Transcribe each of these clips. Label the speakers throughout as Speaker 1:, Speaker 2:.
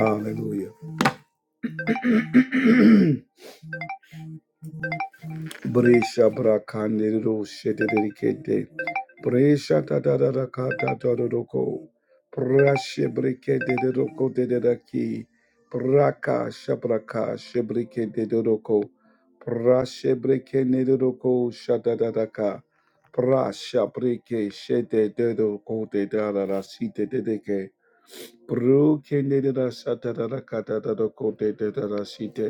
Speaker 1: Hallelujah. Bresha brakandiru shededelikete. Bresha tadadadakata tadadoko. Brashe brekete dedoko dededaki. Braka shabraka shebrekete dedoko. Brashe brekene de roko shadadadaka. Brasha breke shede dedoko dedadara site dedeke. Brukene dedasatadadaka tadadoko dedadara site.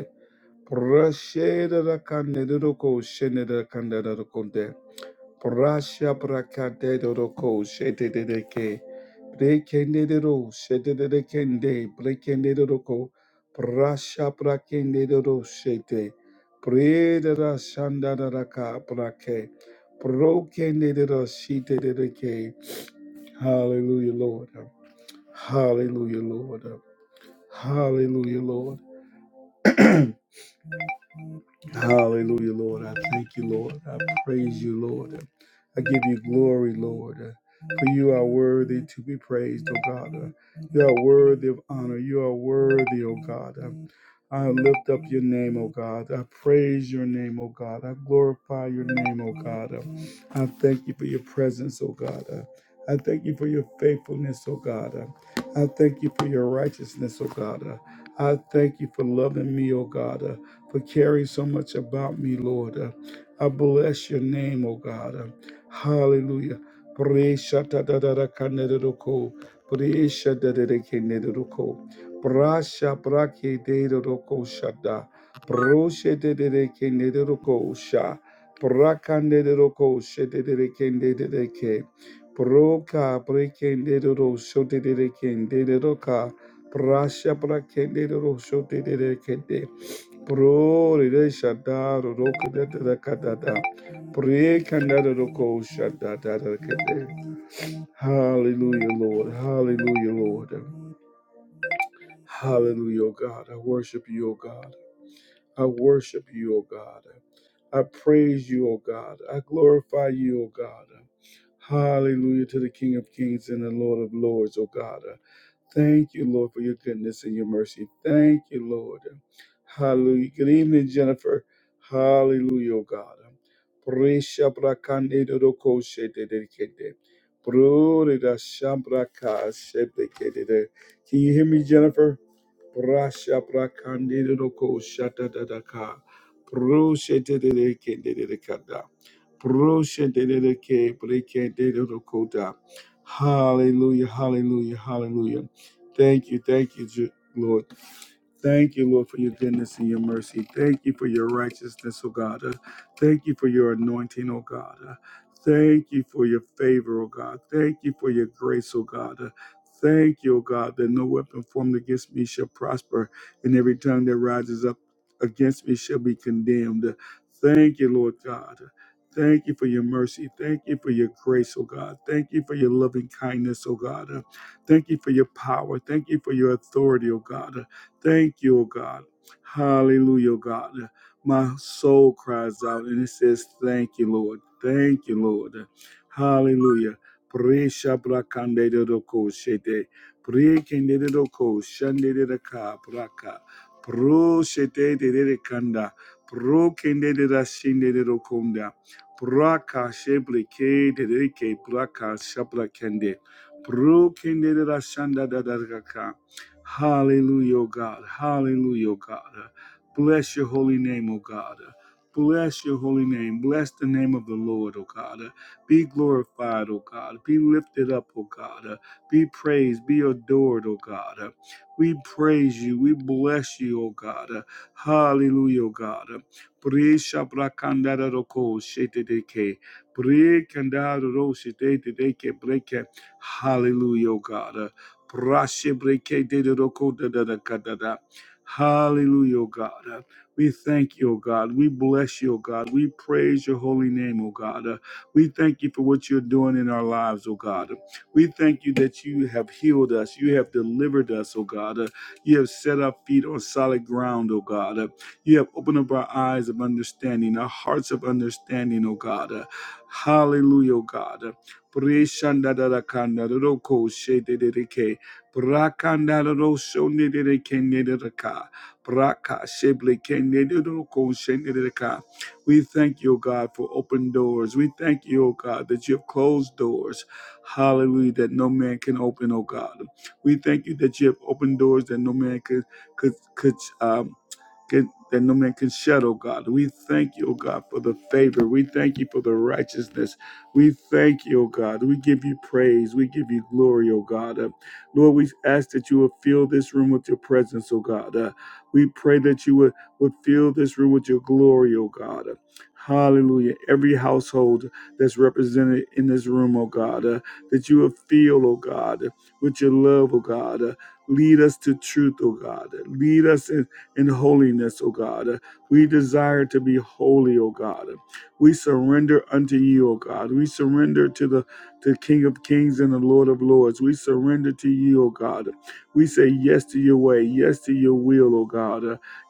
Speaker 1: Prasheda da kande roko shende da kanderoko de. Prasha prakade roko shete de de ke. Brekende de ro shete de de kende. Brekende de roko. Prasha prakende de ro shete. Preda da da shanda da da ka prake. Prokende de ro shete de de ke. Hallelujah, Lord. Hallelujah, Lord. Hallelujah, Lord. Hallelujah, Lord. I thank you, Lord. I praise you, Lord. I give you glory, Lord, for you are worthy to be praised, O God. You are worthy of honor. You are worthy, O God. I lift up your name, O God. I praise your name, O God. I glorify your name, O God. I thank you for your presence, O God. I thank you for your faithfulness, O God. I thank you for your righteousness, O God. I thank you for loving me, O God for caring so much about me, Lord. Uh, I bless your name, oh God. Uh, hallelujah. Praise da da da da kaneroko. Praise da da da kaneroko. Prasha brake de roko shada. Proshe de de kaneroko sha. Prakande de roko she de de kende de de ke. Proka brekende de ro sho de de kende de roka. Prasha brakende de ro sho de de kende. Prore de shadar roko de de de kadada. Pre kandada roko shadada de kede. Hallelujah, Lord. Hallelujah, Lord. Hallelujah, O God. I worship you, O God. I worship you, O God. I praise you, O God. I glorify you, O God. Hallelujah to the King of Kings and the Lord of Lords, O God. Thank you, Lord, for your goodness and your mercy. Thank you, Lord. Hallelujah. Good evening, Jennifer. Hallelujah, oh God. Bresha brakande doroko shete dedikete. Brore da shambra shete kedede. Can you hear me, Jennifer? Rasha prakandere roko shata dadaka. Proshete dere kende dere kada. Proshete dere ke breke roko da. Hallelujah, hallelujah, hallelujah. Thank you, thank you, Ju- Lord. Thank you, Lord, for your goodness and your mercy. Thank you for your righteousness, O God. Uh, Thank you for your anointing, O God. Uh, Thank you for your favor, O God. Thank you for your grace, O God. Thank you, O God, that no weapon formed against me shall prosper, and every tongue that rises up against me shall be condemned. Thank you, Lord God. Thank you for your mercy. Thank you for your grace, oh God. Thank you for your loving kindness, oh God. Uh, Thank you for your power. Thank you for your authority, oh God. Uh, Thank you, oh God. Hallelujah, oh God. Uh, My soul cries out and it says, Thank you, Lord. Thank you, Lord. Uh, Hallelujah. Presha prakande de roko shete. Prekende de roko shande de raka praka. Pro shete de de kanda. Pro kende de da shinde de rokonda. Praka sheble ke de de ke praka shapla kende. Pro kende de da shanda da da raka. Hallelujah, O God. Hallelujah, O God. Bless your holy name, O God. Bless your holy name. Bless the name of the Lord, O God. Be glorified, O God. Be lifted up, O God. Uh, Be praised, be adored, O God. Uh, We praise you. We bless you, O God. Uh, Hallelujah, O God. Uh, Bre shabra kandara roko shete deke. Bre kandara ro shete deke breke. Hallelujah, O God. Uh, bra shebre ke de de roko da da da ka da da. Hallelujah, O God. Uh, we thank you, O God. We bless you, O God. We praise your holy name, O God. Uh, we thank you for what you're doing in our lives, oh God. We thank you that you have healed us. You have delivered us, oh God. You have set our feet on solid ground, oh God. You have opened up our eyes of understanding, our hearts of understanding, oh God. Hallelujah, oh God. Pre-shandadarakadaroko shedededeke. Brakandararo shonederekenedereka. Braka sheblekenederoko shenedereka. We thank you, O God, for open doors. We thank you, O God, that you have closed doors. Hallelujah, that no man can open, O God. We thank you that you have opened doors that no man could could could um, can, that no man can shed, oh God. We thank you, oh God, for the favor. We thank you for the righteousness. We thank you, oh God. We give you praise. We give you glory, oh God. Uh, Lord, we ask that you would fill this room with your presence, oh God. Uh, we pray that you would, would fill this room with your glory, oh God. Uh, Hallelujah. Every household that's represented in this room, oh God, uh, that you would fill, oh God, with your love, oh God. Uh, lead us to truth, oh God. Lead us in in holiness, O God. We desire to be holy, O God. We surrender unto you, O God. We surrender to the to King of Kings and the Lord of Lords. We surrender to you, O God. We say yes to your way, yes to your will, O God.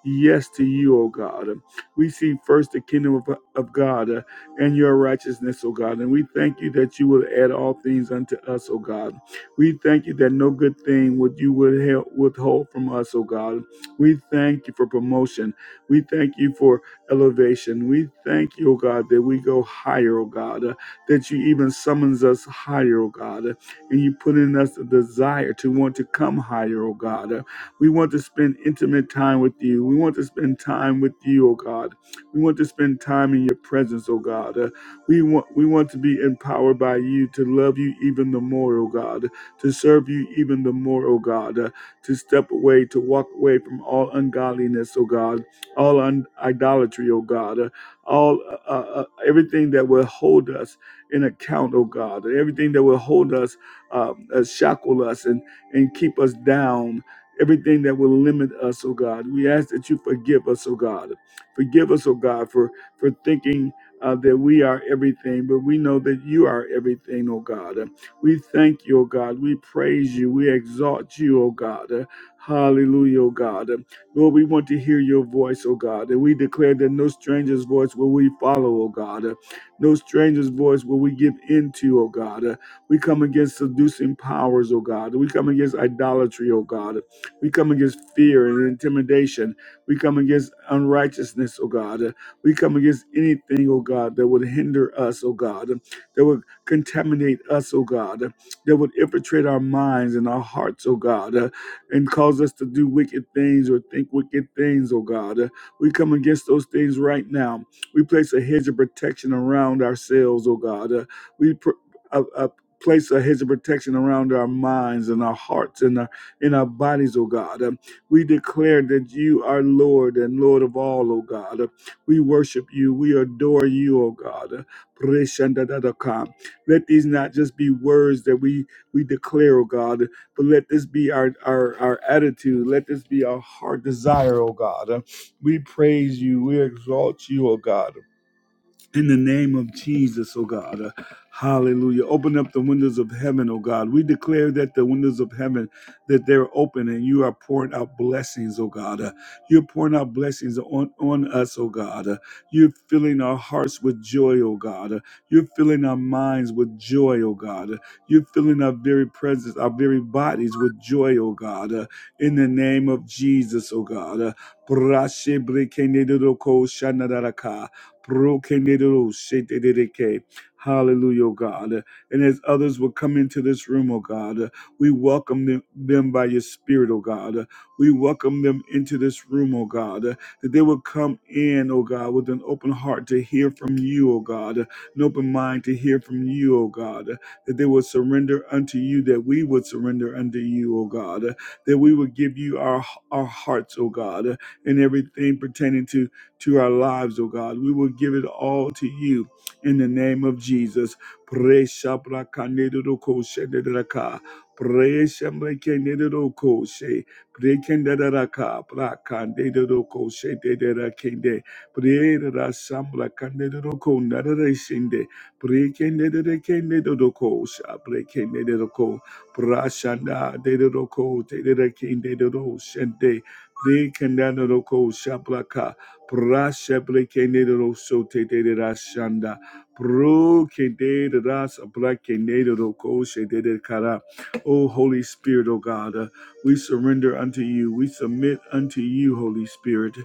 Speaker 1: Yes to you, O God. We see first the kingdom of, of God uh, and your righteousness, O God. And we thank you that you will add all things unto us, O God. We thank you that no good thing would you would help withhold from us, O God. We thank you for promotion. We thank you for elevation. We thank you, oh God, that we go higher, oh God, uh, that you even summons us higher, oh God, uh, and you put in us a desire to want to come higher, oh God. Uh, we want to spend intimate time with you. We want to spend time with you, oh God. We want to spend time in your presence, oh God. Uh, we want we want to be empowered by you to love you even the more, oh God, to serve you even the more, oh God. Uh, to step away, to walk away from all ungodliness, oh God, all un- idolatry, oh God, uh, all uh, uh, uh, everything that will hold us in account, oh God, everything that will hold us, uh, uh, shackle us, and and keep us down. Everything that will limit us, oh God, we ask that you forgive us, oh God. Forgive us, oh God, for for thinking uh, that we are everything, but we know that you are everything, oh God. We thank you, O God. We praise you. We exalt you, O God. Uh, Hallelujah, O God. Uh, Lord, we want to hear your voice, O God. And we declare that no stranger's voice will we follow, O God. Uh, No stranger's voice will we give into, O God. Uh, We come against seducing powers, O God. We come against idolatry, O God. We come against fear and intimidation. We come against unrighteousness, O God. Uh, We come against anything, O God, that would hinder us, O God, that would contaminate us, oh God, uh, that would infiltrate our minds and our hearts, oh God, uh, and cause us to do wicked things or think wicked things, oh God. Uh, We come against those things right now. We place a hedge of protection around ourselves, oh God. Uh, We pr- uh, uh, place a hedge of protection around our minds and our hearts and our in our bodies, oh God. Um, We declare that you are Lord and Lord of all, oh God. Uh, We worship you. We adore you, oh God. Uh, let these not just be words that we we declare, oh God, but let this be our our, our attitude. Let this be our heart desire, oh God. We praise you. We exalt you, oh God. In the name of Jesus, oh God. Uh, Hallelujah. Open up the windows of heaven, oh God. We declare that the windows of heaven that they're open and you are pouring out blessings, oh God. Uh, you're pouring out blessings on, on us, oh God. Uh, you're filling our hearts with joy, oh God. Uh, you're filling our minds with joy, oh God. Uh, you're filling our very presence, our very bodies with joy, oh God. Uh, in the name of Jesus, oh God. Uh, Brokenidoshetedeke. Hallelujah, oh God. And as others will come into this room, oh God, we welcome them, them by your spirit, oh God. We welcome them into this room, oh God, that they will come in, oh God, with an open heart to hear from you, oh God, an open mind to hear from you, oh God, that they will surrender unto you, that we would surrender unto you, oh God, that we would give you our, our hearts, oh God, and everything pertaining to to our lives, oh God. We will give it all to you in the name of Jesus. Pre-shabra-kanedo-ko-shenedra-ka. Pre-shambra-kenedo-ko-she. pre kendedo ka pra kandedo ko she kende pre Pre-ra-shambra-kanedo-ko-nadara-shende. Pre-kendedo-kenedo-ko-sha. Pre-kenedo-ko. Pra-shanda-dedo-ko-tedera-kende-do-shende. Pre-kendedo-ko-shabraka. Prasheprekenedero soteterashanda. Prokederas abrakenedero koshederekara. O Holy Spirit, O God, uh, we surrender unto you. We submit unto you, Holy Spirit.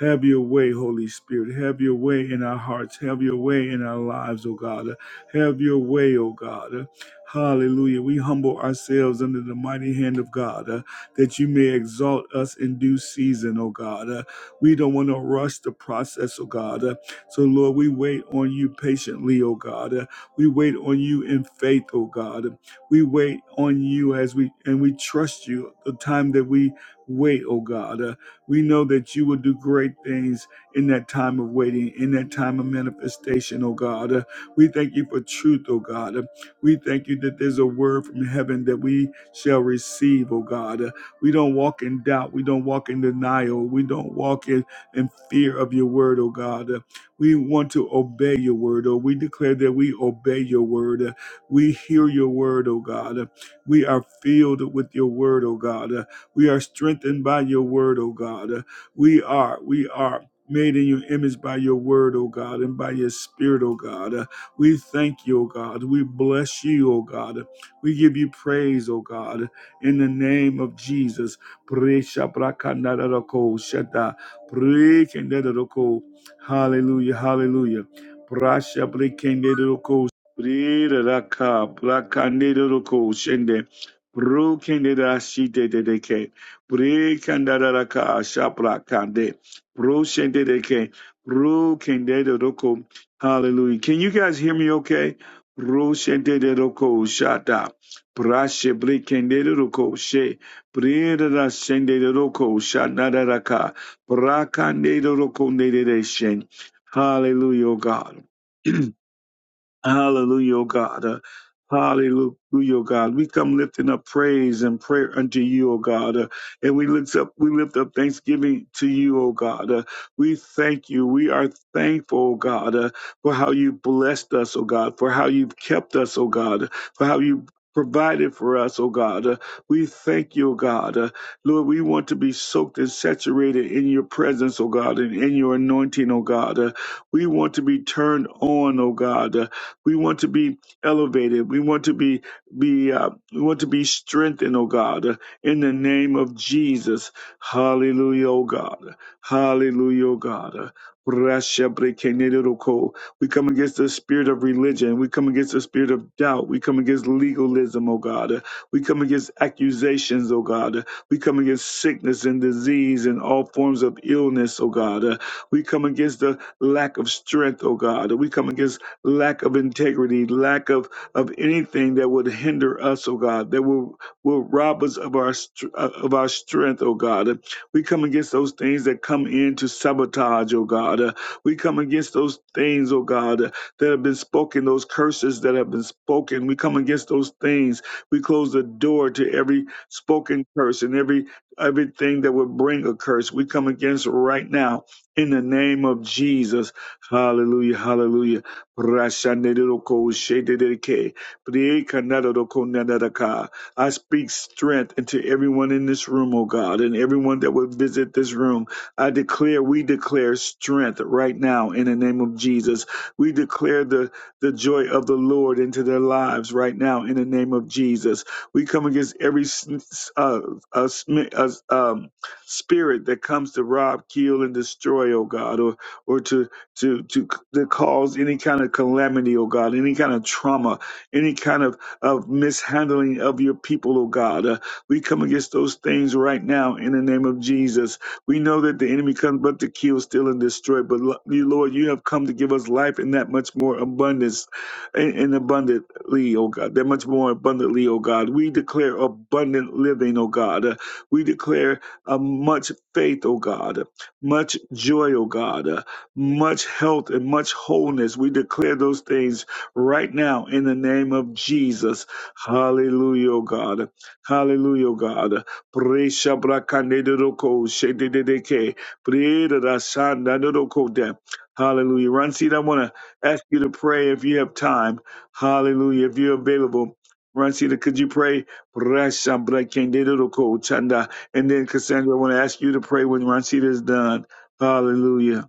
Speaker 1: Have your way, Holy Spirit. Have your way in our hearts. Have your way in our lives, O God. Have your way, O God. Hallelujah. We humble ourselves under the mighty hand of God uh, that you may exalt us in due season, O God. Uh, we don't want to rush the process, oh God. Uh, So, Lord, we wait on you patiently, oh God. Uh, We wait on you in faith, oh God. We wait on you as we and we trust you the time that we wait, oh God. Uh, We know that you will do great things in that time of waiting, in that time of manifestation, oh God. Uh, We thank you for truth, oh God. Uh, We thank you that there's a word from heaven that we shall receive, oh God. We don't walk in doubt. We don't walk in denial. We don't walk in, in fear of your word, oh God. Uh, We want to obey your word, oh. We declare that we obey your word. Uh, We hear your word, oh God. Uh, We are filled with your word, oh God. Uh, We are strengthened by your word, oh God. Uh, We are, we are. Made in your image by your word, oh God, and by your spirit, oh God. Uh, We thank you, oh God. We bless you, oh God. We give you praise, oh God in the name of Jesus. Hallelujah, hallelujah. Hallelujah. Can you guys hear me okay? Bro shende dedeko shata. Brashe brikendele roko she brira sendele roko shanada raka brakandele roko nedele shen. Hallelujah, O God. Hallelujah, O God. Uh, Hallelujah, O God. We come lifting up praise and prayer unto you, O God. Uh, and we lift up we lift up thanksgiving to you, O God. Uh, we thank you. We are thankful, O God, uh, for how you blessed us, O God, for how you've kept us, O God, for how you provided for us, O God. Uh, we thank you, O God. Uh, Lord, we want to be soaked and saturated in your presence, O God, and in your anointing, O God. Uh, we want to be turned on, O God. Uh, we want to be elevated. We want to be be uh, we want to be strengthened, oh God, uh, in the name of Jesus. Hallelujah, oh God. Hallelujah, oh God. Uh, Rashabrekeneroko. We come against the spirit of religion. We come against the spirit of doubt. We come against legalism, oh God. Uh, We come against accusations, oh God. Uh, We come against sickness and disease and all forms of illness, oh God. Uh, We come against the lack of strength, oh God. We come against lack of integrity, lack of, of anything that would hinder us, oh God, that will, will rob us of our str- uh, of our strength, oh God. And We come against those things that come in to sabotage, oh God. Uh, We come against those things, oh God, uh, that have been spoken, those curses that have been spoken. We come against those things. We close the door to every spoken curse and every everything that would bring a curse. We come against right now in the name of Jesus. Hallelujah. Hallelujah. Rashaneroko shedereke, priekanaroko nanaraka. I speak strength into everyone in this room, O God, and everyone that would visit this room. I declare, we declare strength right now in the name of Jesus. We declare the, the joy of the Lord into their lives right now in the name of Jesus. We come against every s- uh, uh, sm- uh, um, spirit that comes to rob, kill, and destroy, O God, or, or to to to to cause any kind of calamity, oh God, any kind of trauma, any kind of of mishandling of your people, oh God. Uh, we come against those things right now in the name of Jesus. We know that the enemy comes but to kill, steal, and destroy. But lo- you, Lord, you have come to give us life in that much more abundance, in, in abundantly, oh God, that much more abundantly, oh God. We declare abundant living, oh God. Uh, we declare uh, much faith, oh God, much joy, oh God. Uh, much health and much wholeness. We declare those things right now in the name of Jesus. Hallelujah, oh God. Hallelujah, oh God. Presha brakanedoroko shedededeke. Prerasandadorokode. Hallelujah. Ransid, I want to ask you to pray if you have time. Hallelujah. If you're available. Ransid, could you pray? Presha brakanedoroko chanda. And then Cassandra, I want to ask you to pray when Ransid is done. Hallelujah.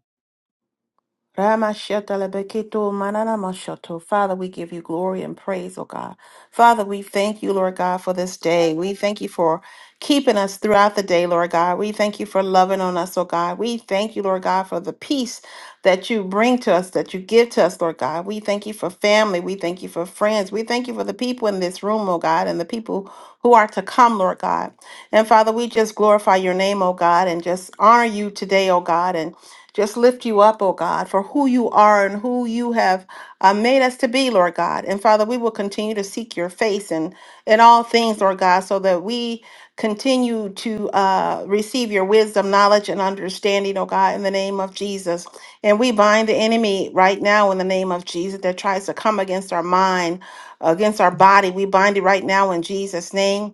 Speaker 2: Ramashotelebeketo mananamashoto. Father, we give you glory and praise, O God. Father, we thank you, Lord God, for this day. We thank you for keeping us throughout the day, Lord God. We thank you for loving on us, O God. We thank you, Lord God, for the peace that you bring to us, that you give to us, Lord God. We thank you for family. We thank you for friends. We thank you for the people in this room, O God, and the people who are to come, Lord God. And Father, we just glorify your name, O God, and just honor you today, O God, and just lift you up, oh God, for who you are and who you have uh, made us to be, Lord God. And Father, we will continue to seek your face in, in all things, Lord God, so that we continue to uh, receive your wisdom, knowledge, and understanding, oh God, in the name of Jesus. And we bind the enemy right now in the name of Jesus that tries to come against our mind, against our body. We bind it right now in Jesus' name.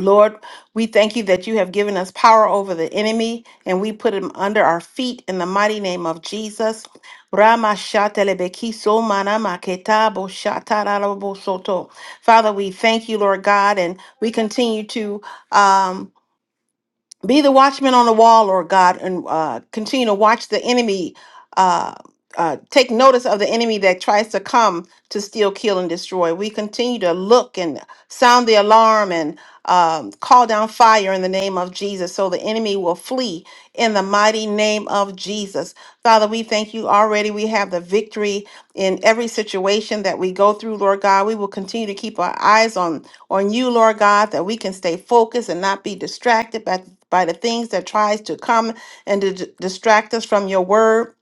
Speaker 2: Lord, we thank you that you have given us power over the enemy and we put him under our feet in the mighty name of Jesus. Rama shatelebekiso manama ketabo shatarabo soto. Father, we thank you, Lord God, and we continue to um, be the watchman on the wall, Lord God, and uh, continue to watch the enemy. Uh, uh, take notice of the enemy that tries to come to steal, kill, and destroy. We continue to look and sound the alarm and um, call down fire in the name of Jesus so the enemy will flee in the mighty name of Jesus. Father, we thank you already. We have the victory in every situation that we go through, Lord God. We will continue to keep our eyes on, on you, Lord God, that we can stay focused and not be distracted by by the things that tries to come and to d- distract us from your word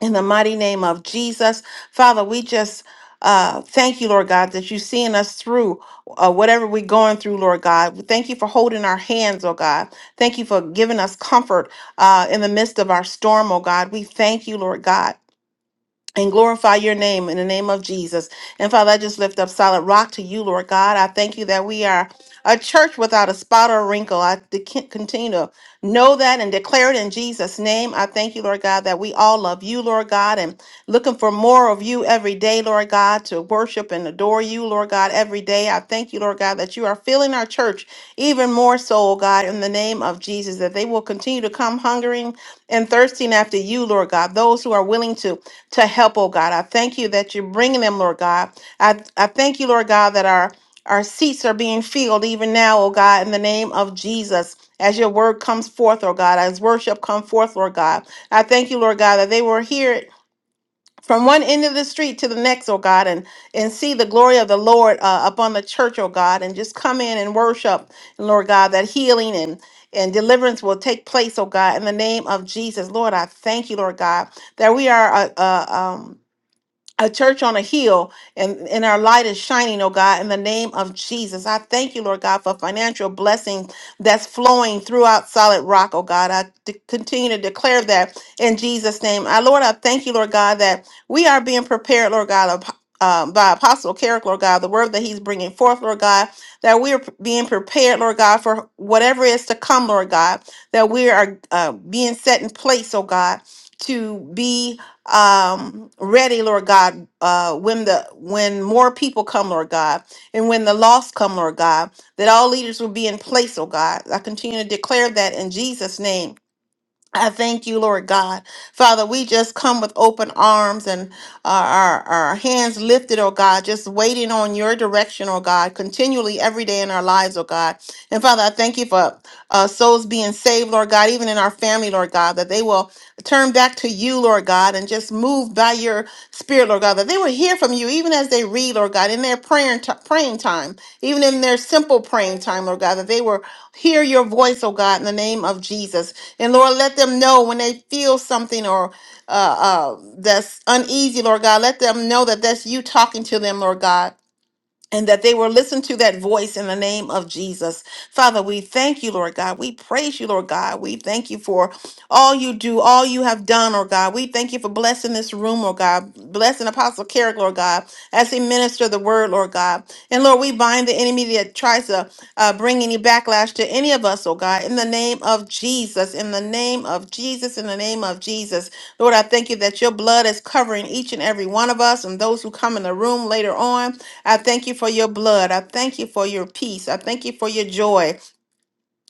Speaker 2: in the mighty name of jesus father we just uh, thank you, Lord God, that you're seeing us through uh, whatever we're going through, Lord God. We Thank you for holding our hands, oh God. Thank you for giving us comfort uh, in the midst of our storm, oh God. We thank you, Lord God and glorify your name in the name of Jesus. And Father, I just lift up solid rock to you, Lord God. I thank you that we are a church without a spot or a wrinkle. I de- continue to know that and declare it in Jesus' name. I thank you, Lord God, that we all love you, Lord God, and looking for more of you every day, Lord God, to worship and adore you, Lord God, every day. I thank you, Lord God, that you are filling our church even more so, oh God, in the name of Jesus, that they will continue to come hungering and thirsting after you, Lord God. Those who are willing to to help, oh God. I thank you that you're bringing them, Lord God. I, I thank you, Lord God, that our our seats are being filled even now, oh God, in the name of Jesus. As your word comes forth, oh God, as worship come forth, Lord God. I thank you, Lord God, that they will hear it from one end of the street to the next, oh God, and, and see the glory of the Lord uh, upon the church, oh God, and just come in and worship, Lord God, that healing and, and deliverance will take place, oh God, in the name of Jesus. Lord, I thank you, Lord God, that we are a, a church on a hill and, and our light is shining, oh God, in the name of Jesus. I thank you, Lord God, for financial blessing that's flowing throughout solid rock, oh God. I de- continue to declare that in Jesus' name. I, Lord, I thank you, Lord God, that we are being prepared, Lord God, of, um, by Apostle Carrick, Lord God, the word that he's bringing forth, Lord God, that we are p- being prepared, Lord God, for whatever is to come, Lord God, that we are uh, being set in place, oh God, to be um ready lord god uh when the when more people come lord god and when the lost come lord god that all leaders will be in place oh god i continue to declare that in jesus name I thank you, Lord God. Father, we just come with open arms and our, our, our hands lifted, oh God, just waiting on your direction, oh God, continually every day in our lives, oh God. And Father, I thank you for uh, souls being saved, Lord God, even in our family, Lord God, that they will turn back to to you, Lord God, and just moved by your spirit, Lord God, that they will hear from you even as they read, Lord God, in their prayer and t- praying time, even in their simple praying time, Lord God, that they will hear your voice, oh God, in the name of Jesus. And Lord, let them know when they feel something or uh, uh, that's uneasy, Lord God, let them know that that's you talking to them, Lord God and that they will listen to that voice in the name of Jesus. Father, we thank you, Lord God. We praise you, Lord God. We thank you for all you do, all you have done, Lord God. We thank you for blessing this room, Lord God. Blessing Apostle Carrick, Lord God, as he minister the word, Lord God. And Lord, we bind the enemy that tries to uh, bring any backlash to any of us, oh God, in the name of Jesus, in the name of Jesus, in the name of Jesus. Lord, I thank you that your blood is covering each and every one of us and those who come in the room later on. I thank you for your blood. I thank you for your peace. I thank you for your joy.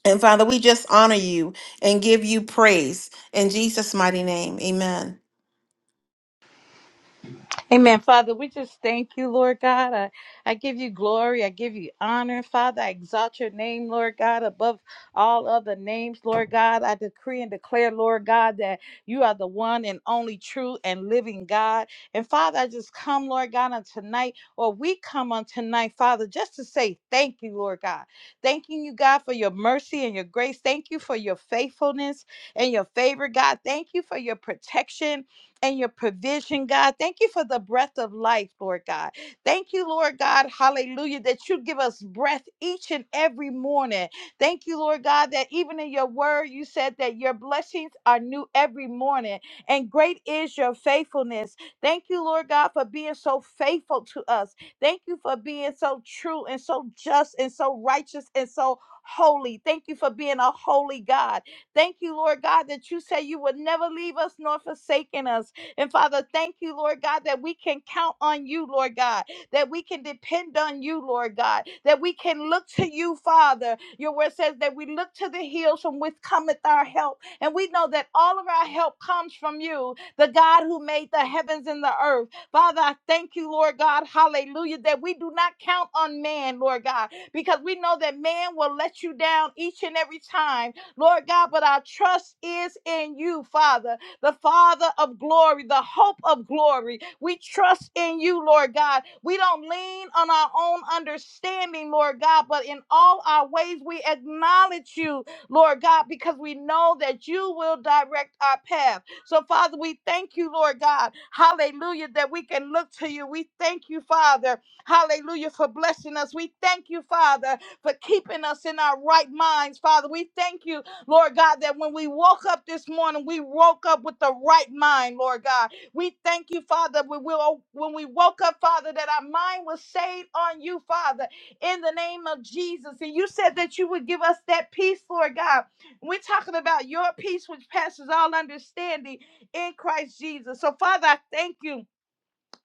Speaker 2: And Father, we just honor you and give you praise in Jesus' mighty name. Amen.
Speaker 3: Amen. Father, we just thank you, Lord God. I, I give you glory. I give you honor. Father, I exalt your name, Lord God, above all other names, Lord God. I decree and declare, Lord God, that you are the one and only true and living God. And Father, I just come, Lord God, on tonight, or we come on tonight, Father, just to say thank you, Lord God. Thanking you, God, for your mercy and your grace. Thank you for your faithfulness and your favor, God. Thank you for your protection and your provision, God. Thank you for the breath of life, Lord God. Thank you, Lord God, hallelujah, that you give us breath each and every morning. Thank you, Lord God, that even in your word, you said that your blessings are new every morning, and great is your faithfulness. Thank you, Lord God, for being so faithful to us. Thank you for being so true and so just and so righteous and so holy. Thank you for being a holy God. Thank you, Lord God, that you say you would never leave us nor forsaken us. And Father, thank you, Lord God, that we can count on you, Lord God, that we can depend on you, Lord God, that we can look to you, Father. Your word says that we look to the hills from which cometh our help. And we know that all of our help comes from you, the God who made the heavens and the earth. Father, I thank you, Lord God, hallelujah, that we do not count on man, Lord God, because we know that man will let you down each and every time, Lord God, but our trust is in you, Father the Father of glory, the hope of glory. We trust in you, Lord God. We don't lean on our own understanding, Lord God, but in all our ways we acknowledge you, Lord God, because we know that you will direct our path. So, Father, we thank you, Lord God. Hallelujah, that we can look to you. We thank you, Father. Hallelujah, for blessing us. We thank you, Father, for keeping us in our right minds, Father. We thank you Lord God, that when we woke up this morning, we woke up with the right mind, Lord God. We thank you, Father, we will, when we woke up, Father, that our mind was stayed on you, Father, in the name of Jesus. And you said that you would give us that peace, Lord God. We're talking about your peace, which passes all understanding in Christ Jesus. So, Father, I thank you.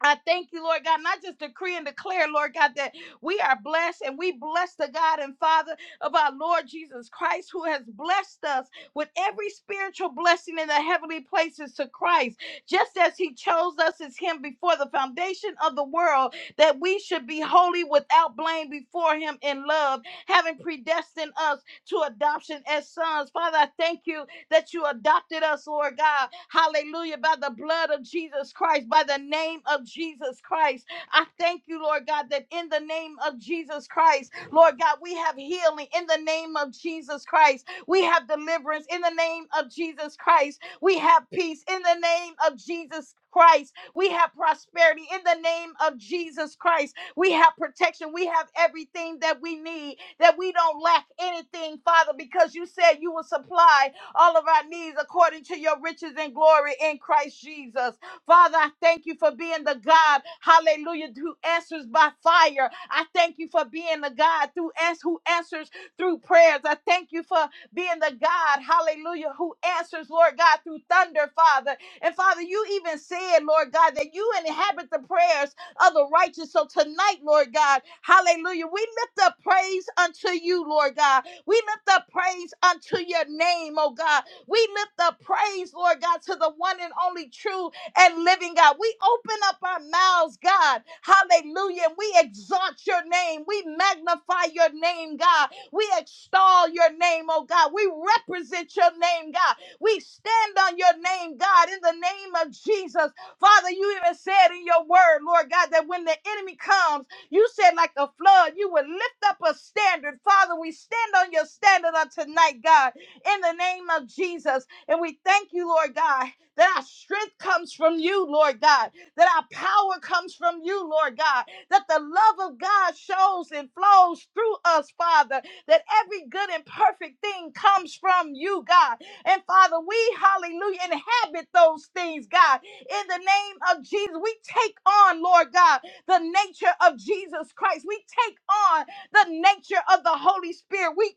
Speaker 3: I thank you, Lord God, and I just decree and declare, Lord God, that we are blessed and we bless the God and Father of our Lord Jesus Christ, who has blessed us with every spiritual blessing in the heavenly places to Christ, just as He chose us as Him before the foundation of the world, that we should be holy without blame before Him in love, having predestined us to adoption as sons. Father, I thank you that you adopted us, Lord God. Hallelujah. By the blood of Jesus Christ, by the name of Jesus Christ. I thank you, Lord God, that in the name of Jesus Christ, Lord God, we have healing in the name of Jesus Christ. We have deliverance in the name of Jesus Christ. We have peace in the name of Jesus Christ. We have prosperity in the name of Jesus Christ. We have protection. We have everything that we need, that we don't lack anything, Father, because you said you will supply all of our needs according to your riches and glory in Christ Jesus. Father, I thank you for being the God, hallelujah, who answers by fire. I thank you for being the God through ans- who answers through prayers. I thank you for being the God, hallelujah, who answers, Lord God, through thunder, Father. And Father, you even said, Lord God, that you inhabit the prayers of the righteous. So tonight, Lord God, hallelujah, we lift up praise unto you, Lord God. We lift up praise unto your name, oh God. We lift up praise, Lord God, to the one and only true and living God. We open up our mouths, God. Hallelujah. And we exalt your name. We magnify your name, God. We extol your name, oh God. We represent your name, God. We stand on your name, God, in the name of Jesus. Father, you even said in your word, Lord God, that when the enemy comes, you said, like a flood, you would lift up a standard. Father, we stand on your standard on tonight, God, in the name of Jesus. And we thank you, Lord God, that our strength comes from you, Lord God, that our power comes from you, Lord God, that the love of God shows and flows through us, Father, that every good and perfect thing comes from you, God. And Father, we, hallelujah, inhabit those things, God, in the name of Jesus. We take on, Lord God, the nature of Jesus Christ. We take on the nature of the Holy Spirit. We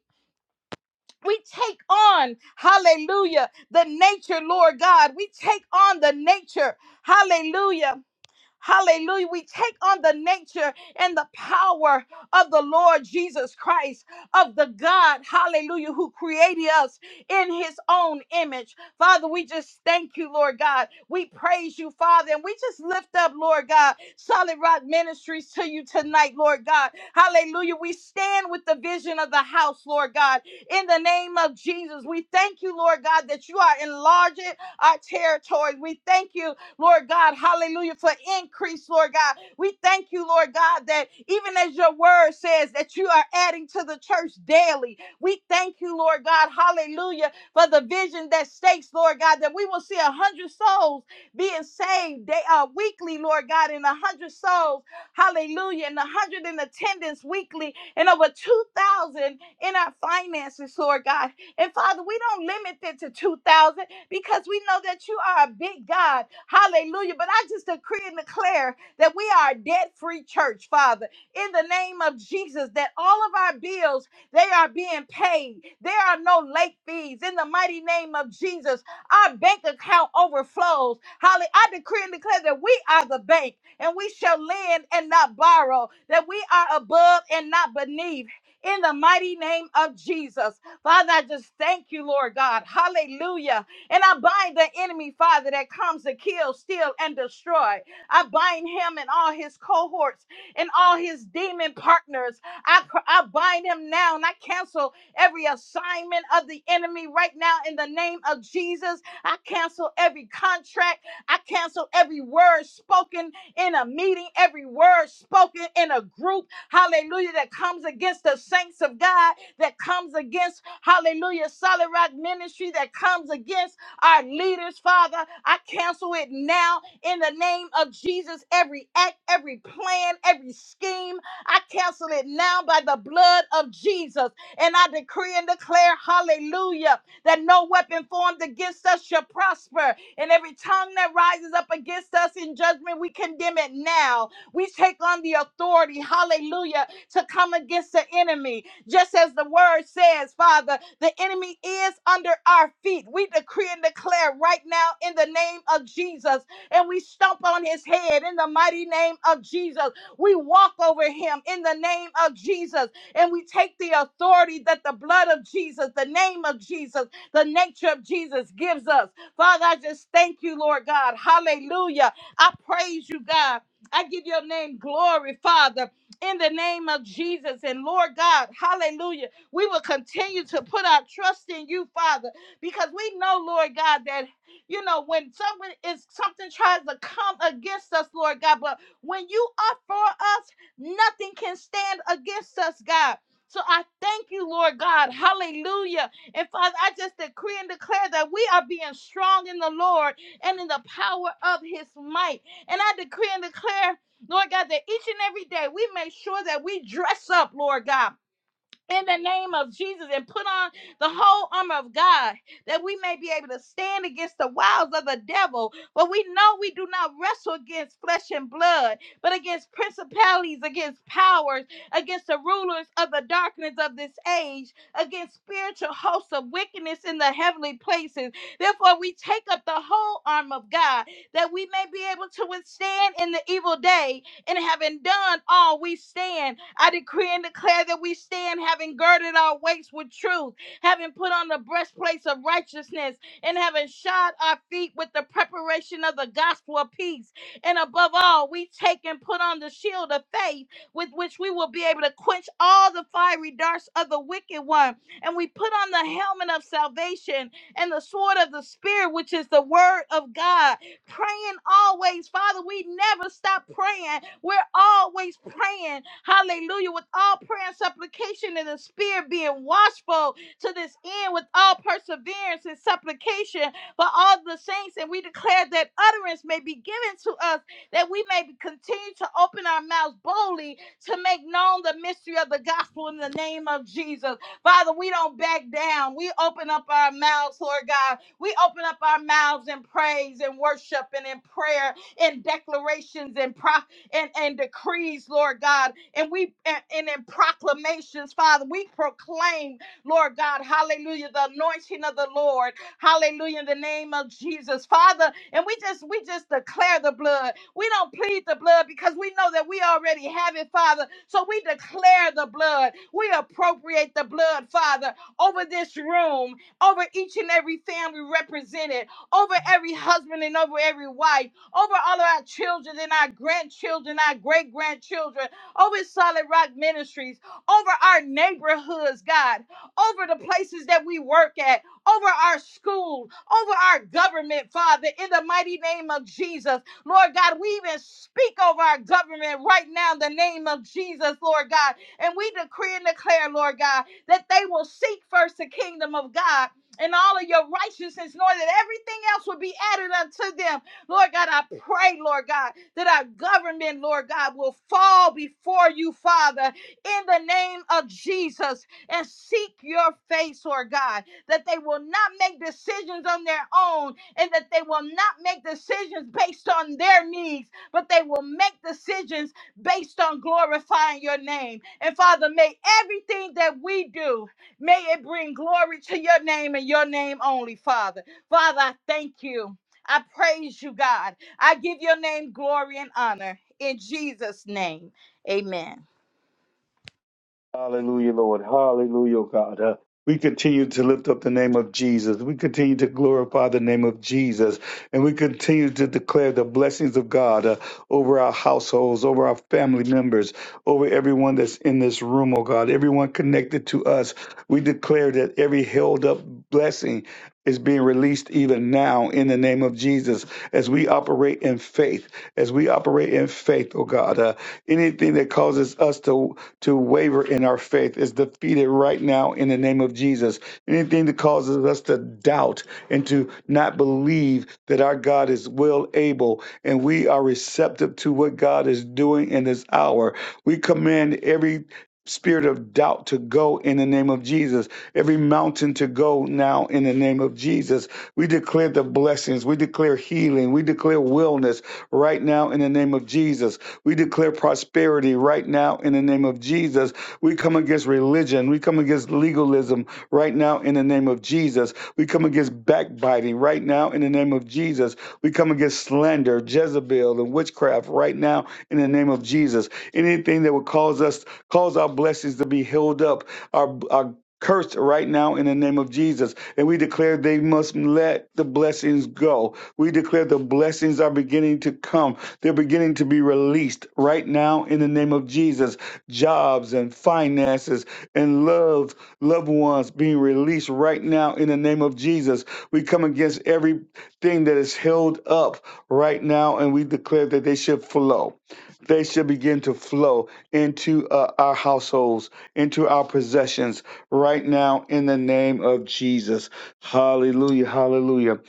Speaker 3: we take on, hallelujah, the nature, Lord God. We take on the nature, hallelujah, Hallelujah. We take on the nature and the power of the Lord Jesus Christ, of the God, hallelujah, who created us in his own image. Father, we just thank you, Lord God. We praise you, Father, and we just lift up, Lord God, Solid Rock Ministries to you tonight, Lord God. Hallelujah. We stand with the vision of the house, Lord God. In the name of Jesus, we thank you, Lord God, that you are enlarging our territory. We thank you Lord God. Hallelujah. For increase, Lord God. We thank you, Lord God, that even as your word says that you are adding to the church daily. We thank you, Lord God. Hallelujah. For the vision that stakes, Lord God, that we will see a hundred souls being saved day uh, weekly, Lord God, and a hundred souls, hallelujah, and a hundred in attendance weekly, and over two thousand in our finances, Lord God. And Father, we don't limit it to two thousand because we know that you are a big God. Hallelujah. But I just decree and declare that we are a debt free church, Father, in the name of Jesus, that all of our bills, they are being paid. There are no late fees in the mighty name of Jesus. Our bank account overflows. Hallelujah. I decree and declare that we are the bank and we shall lend and not borrow, that we are above and not beneath. In the mighty name of Jesus. Father, I just thank you, Lord God. Hallelujah. And I bind the enemy, Father, that comes to kill, steal, and destroy. I bind him and all his cohorts and all his demon partners. I, I bind him now and I cancel every assignment of the enemy right now in the name of Jesus. I cancel every contract. I cancel every word spoken in a meeting, every word spoken in a group. Hallelujah. That comes against the saints of God, that comes against, hallelujah, solid rock ministry, that comes against our leaders, Father. I cancel it now in the name of Jesus. Every act, every plan, every scheme, I cancel it now by the blood of Jesus. And I decree and declare, hallelujah, that no weapon formed against us shall prosper. And every tongue that rises up against us in judgment, we condemn it now. We take on the authority, hallelujah, to come against the enemy. Just as the word says, Father, the enemy is under our feet. We decree and declare right now in the name of Jesus, and we stomp on his head in the mighty name of Jesus. We walk over him in the name of Jesus, and we take the authority that the blood of Jesus, the name of Jesus, the nature of Jesus gives us. Father, I just thank you, Lord God. Hallelujah. I praise you, God. I give your name glory, Father in the name of Jesus. And Lord God, hallelujah, we will continue to put our trust in you, Father, because we know, Lord God, that you know when someone is something tries to come against us, Lord God, but when you are for us, nothing can stand against us, God. So I thank you, Lord God. Hallelujah. And Father, I just decree and declare that we are being strong in the Lord and in the power of his might. And I decree and declare Lord God, that each and every day we make sure that we dress up, Lord God in the name of Jesus and put on the whole armor of God that we may be able to stand against the wiles of the devil. For we know we do not wrestle against flesh and blood, but against principalities, against powers, against the rulers of the darkness of this age, against spiritual hosts of wickedness in the heavenly places. Therefore, we take up the whole armor of God that we may be able to withstand in the evil day and having done all, we stand I decree and declare that we stand having girded our waist with truth, having put on the breastplate of righteousness, and having shod our feet with the preparation of the gospel of peace. And above all, we take and put on the shield of faith with which we will be able to quench all the fiery darts of the wicked one. And we put on the helmet of salvation and the sword of the Spirit, which is the word of God praying always. Father, we never stop praying. We're always praying. Hallelujah. With all prayer and supplication in the spirit being watchful to this end with all perseverance and supplication for all the saints. And we declare that utterance may be given to us, that we may continue to open our mouths boldly to make known the mystery of the gospel in the name of Jesus. Father, we don't back down. We open up our mouths, Lord God we open up our mouths in praise and worship and in prayer and declarations and pro- and, and decrees, Lord God. And we and, and in proclamations, Father, we proclaim, Lord God, hallelujah, the anointing of the Lord. Hallelujah, in the name of Jesus. Father, and we just we just declare the blood. We don't plead the blood because we know that we already have it, Father. So we declare the blood. We appropriate the blood, Father, over this room over each and every family represented, over every husband and over every wife, over all of our children and our grandchildren, our great grandchildren, over Solid Rock Ministries, over our neighborhoods, God, over the places that we work at, over our school, over our government, Father, in the mighty name of Jesus. Lord God, we even speak over our government right now in the name of Jesus, Lord God. And we decree and declare, Lord God, that they will seek first the kingdom of God and all of your righteousness, Lord, that everything else will be added unto them. Lord God, I pray, Lord God, that our government, Lord God, will fall before you, Father, in the name of Jesus, and seek your face, Lord God, that they will not make decisions on their own, and that they will not make decisions based on their needs, but they will make decisions based on glorifying your name. And Father, may everything that we do, May it bring glory to your name and your name only, Father. Father, I thank you. I praise you, God. I give your name glory and honor. In Jesus' name, amen.
Speaker 1: Hallelujah, Lord. Hallelujah, God. Uh, we continue to lift up the name of Jesus. We continue to glorify the name of Jesus. And we continue to declare the blessings of God uh, over our households, over our family members, over everyone that's in this room, oh God, everyone connected to us. We declare that every held up blessing is being released even now in the name of Jesus as we operate in faith, as we operate in faith, oh God. Uh, anything that causes us to to waver in our faith is defeated right now in the name of Jesus. Anything that causes us to doubt and to not believe that our God is well able and we are receptive to what God is doing in this hour, we command every spirit of doubt to go in the name of Jesus every mountain to go now in the name of Jesus. We declare the blessings. We declare healing. We declare wellness right now in the name of Jesus. We declare prosperity right now in the name of Jesus. We come against religion. We come against legalism right now in the name of Jesus. We come against backbiting right now in the name of Jesus. We come against slander, Jezebel, and witchcraft right now in the name of Jesus. Anything that would cause us, cause our blessings to be held up, our, our cursed right now in the name of Jesus. And we declare they must let the blessings go. We declare the blessings are beginning to come. They're beginning to be released right now in the name of Jesus. Jobs and finances and love, loved ones being released right now in the name of Jesus. We come against everything that is held up right now and we declare that they should flow. They should begin to flow into uh, our households, into our possessions, right now in the name of Jesus. Hallelujah, hallelujah.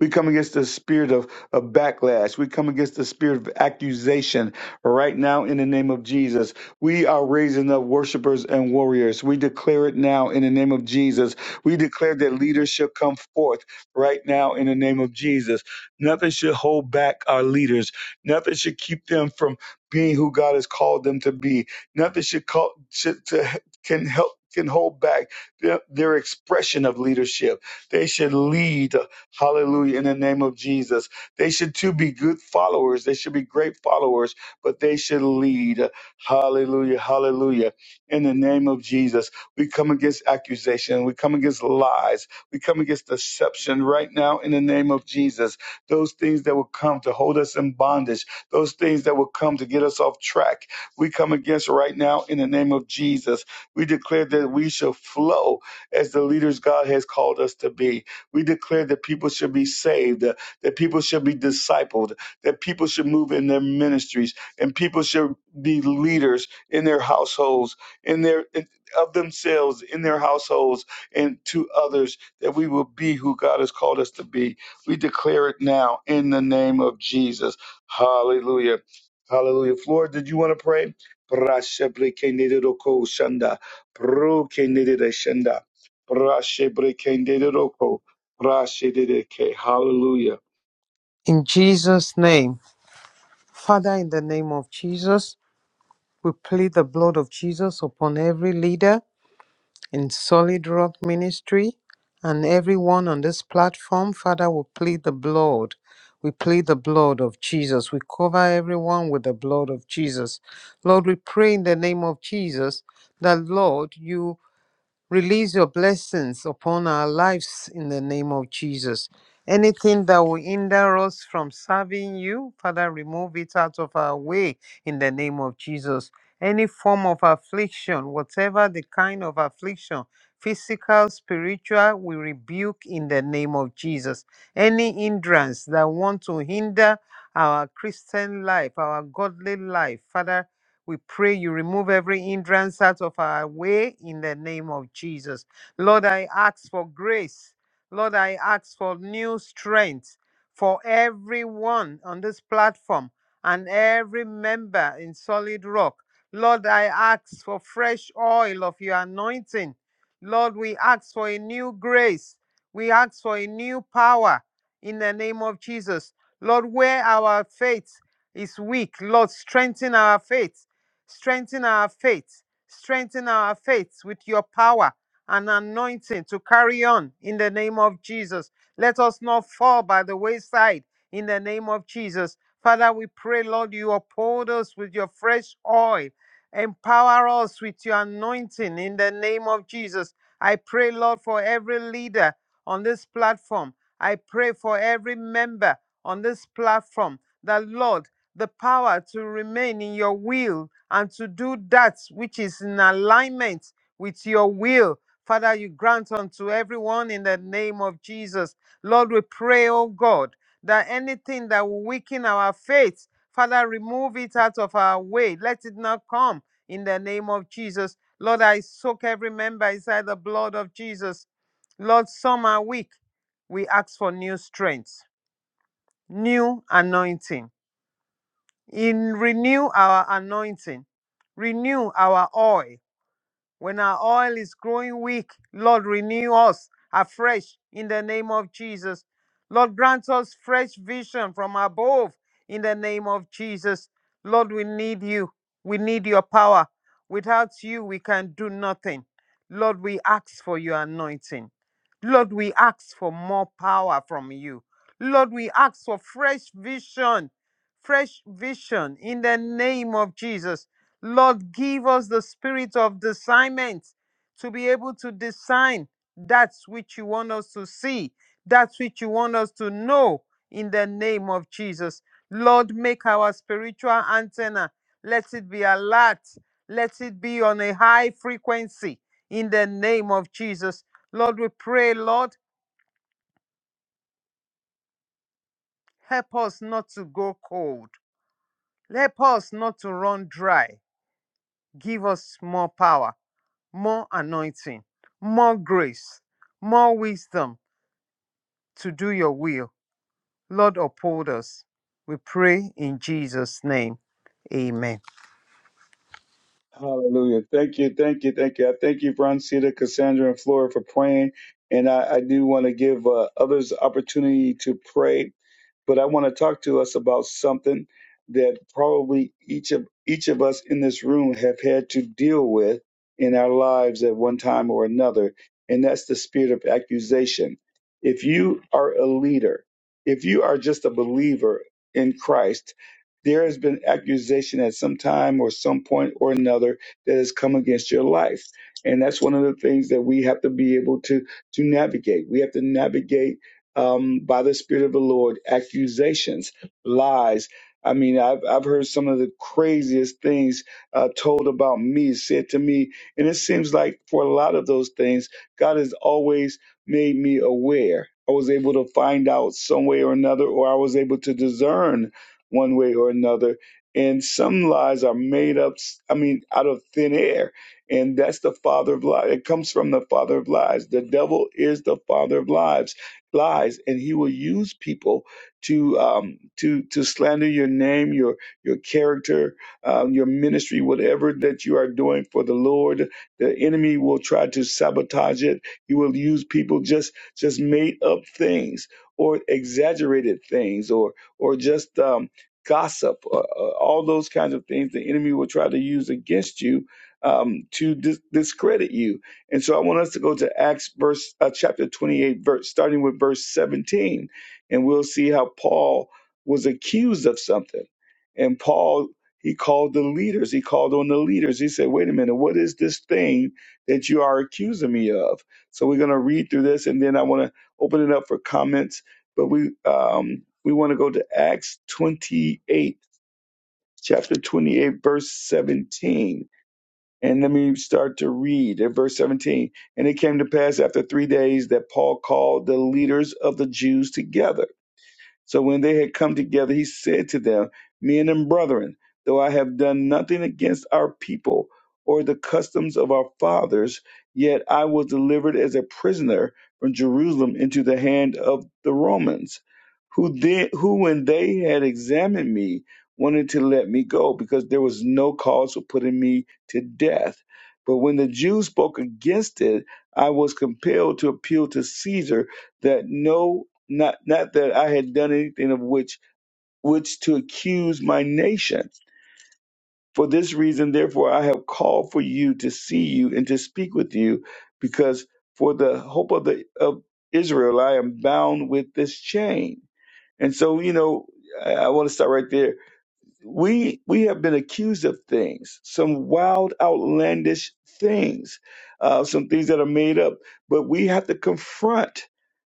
Speaker 1: We come against the spirit of, of backlash. We come against the spirit of accusation right now in the name of Jesus. We are raising up worshipers and warriors. We declare it now in the name of Jesus. We declare that leaders shall come forth right now in the name of Jesus. Nothing should hold back our leaders. Nothing should keep them from being who God has called them to be Nothing should call should, to, can help can hold back their, their expression of leadership. They should lead, hallelujah, in the name of Jesus. They should too be good followers. They should be great followers, but they should lead, hallelujah, hallelujah, in the name of Jesus. We come against accusation. We come against lies. We come against deception right now in the name of Jesus. Those things that will come to hold us in bondage, those things that will come to get us off track we come against right now in the name of Jesus. We declare that we shall flow as the leaders God has called us to be. We declare that people should be saved, that people should be discipled, that people should move in their ministries, and people should be leaders in their households, in their in- of themselves, in their households, and to others, that we will be who God has called us to be. We declare it now in the name of Jesus. Hallelujah. Hallelujah. Floor, did you want to pray? Brashebrekenedoroko shanda. Brokenedere shanda. Brashebrekenedoroko. Brashedeke. Hallelujah.
Speaker 4: In Jesus' name, Father, in the name of Jesus, we plead the blood of Jesus upon every leader in Solid Rock Ministry and everyone on this platform. Father, we plead the blood. We plead the blood of Jesus. We cover everyone with the blood of Jesus. Lord, we pray in the name of Jesus that, Lord, you Release your blessings upon our lives in the name of Jesus. Anything that will hinder us from serving you, Father, remove it out of our way in the name of Jesus. Any form of affliction, whatever the kind of affliction, physical, spiritual, we rebuke in the name of Jesus. Any hindrance that want to hinder our Christian life, our godly life, Father, we pray you remove every hindrance out of our way in the name of Jesus. Lord, I ask for grace. Lord, I ask for new strength for everyone on this platform and every member in Solid Rock. Lord, I ask for fresh oil of your anointing. Lord, we ask for a new grace. We ask for a new power in the name of Jesus. Lord, where our faith is weak, Lord, strengthen our faith Strengthen our faith. Strengthen our faith with your power and anointing to carry on in the name of Jesus. Let us not fall by the wayside in the name of Jesus. Father, we pray, Lord, you uphold us with your fresh oil Empower us with your anointing in the name of Jesus. I pray, Lord, for every leader on this platform. I pray for every member on this platform that, Lord, the power to remain in your will and to do that which is in alignment with your will. Father, you grant unto everyone in the name of Jesus. Lord, we pray, oh God that anything that will weaken our faith, Father, remove it out of our way. Let it not come in the name of Jesus. Lord, I soak every member inside the blood of Jesus. Lord, some are weak. We ask for new strength, new anointing. In renew our anointing, renew our oil, when our oil is growing weak, Lord, renew us afresh in the name of Jesus. Lord, grant us fresh vision from above in the name of Jesus. Lord, we need you. We need your power. Without you, we can do nothing. Lord, we ask for your anointing. Lord, we ask for more power from you. Lord, we ask for fresh vision, fresh vision in the name of Jesus. Lord, give us the spirit of discernment to be able to discern that which you want us to see, that which you want us to know in the name of Jesus. Lord, make our spiritual antenna, let it be alert, let it be on a high frequency in the name of Jesus. Lord, we pray, Lord, help us not to go cold, help us not to run dry. Give us more power more anointing, more grace, more wisdom to do your will. Lord, uphold us. We pray in Jesus' name. Amen.
Speaker 1: Hallelujah. Thank you. Thank you. Thank you. I thank you, Broncita, Cassandra, and Flora for praying. And I, I do want to give uh, others opportunity to pray. but I want to talk to us about something that probably each of each of us in this room have had to deal with in our lives at one time or another, and that's the spirit of accusation. If you are a leader, if you are just a believer in Christ, there has been accusation at some time or some point or another that has come against your life. And that's one of the things that we have to be able to to navigate. We have to navigate um, by the Spirit of the Lord, accusations, lies. I mean, I've, I've heard some of the craziest things uh, told about me, said to me. And it seems like for a lot of those things, God has always made me aware. I was able to find out some way or another, or I was able to discern one way or another. And some lies are made up, I mean, out of thin air. And that's the father of lies. It comes from the father of lies. The devil is the father of lies lies, and he will use people to um, to to slander your name, your your character, um, your ministry, whatever that you are doing for the Lord. The enemy will try to sabotage it. He will use people just just made up things or exaggerated things or or just um, gossip, uh, uh, all those kinds of things. The enemy will try to use against you um, to dis- discredit you and so I want us to go to Acts verse uh, chapter 28 verse starting with verse 17 and we'll see how Paul was accused of something. And Paul he called the leaders. He called on the leaders. He said, "Wait a minute, what is this thing that you are accusing me of?" So we're going to read through this and then I want to open it up for comments, but we um we want to go to Acts 28 chapter 28 verse 17 and let me start to read at verse 17. And it came to pass after three days that Paul called the leaders of the Jews together so when they had come together, he said to them, Men and brethren, though I have done nothing against our people or the customs of our fathers, yet I was delivered as a prisoner from Jerusalem into the hand of the Romans, who then, who when they had examined me, wanted to let me go, because there was no cause for putting me to death. But when the Jews spoke against it, I was compelled to appeal to Caesar that no not not that I had done anything of which which to accuse my nation. For this reason, therefore, I have called for you to see you and to speak with you, because for the hope of the of Israel, I am bound with this chain. And so, you know, I, I want to start right there we we have been accused of things, some wild, outlandish things, uh, some things that are made up. But we have to confront.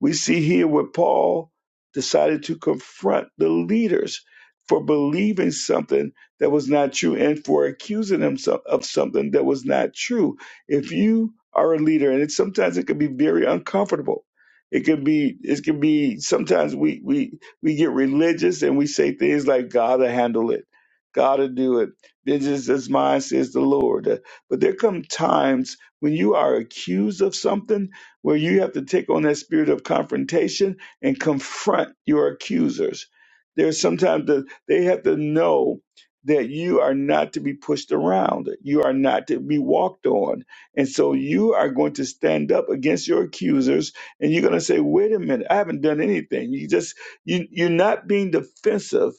Speaker 1: We see here where Paul decided to confront the leaders for believing something that was not true and for accusing them so- of something that was not true. If you are a leader, and it, sometimes it can be very uncomfortable. It can be. It can be. Sometimes we we we get religious and we say things like God will handle it, God will do it. This is as mine says the Lord. Uh, But there come times when you are accused of something where you have to take on that spirit of confrontation and confront your accusers. There's sometimes that they have to know that you are not to be pushed around. You are not to be walked on. And so you are going to stand up against your accusers and you're going to say, wait a minute, I haven't done anything. You just you, you're not being defensive,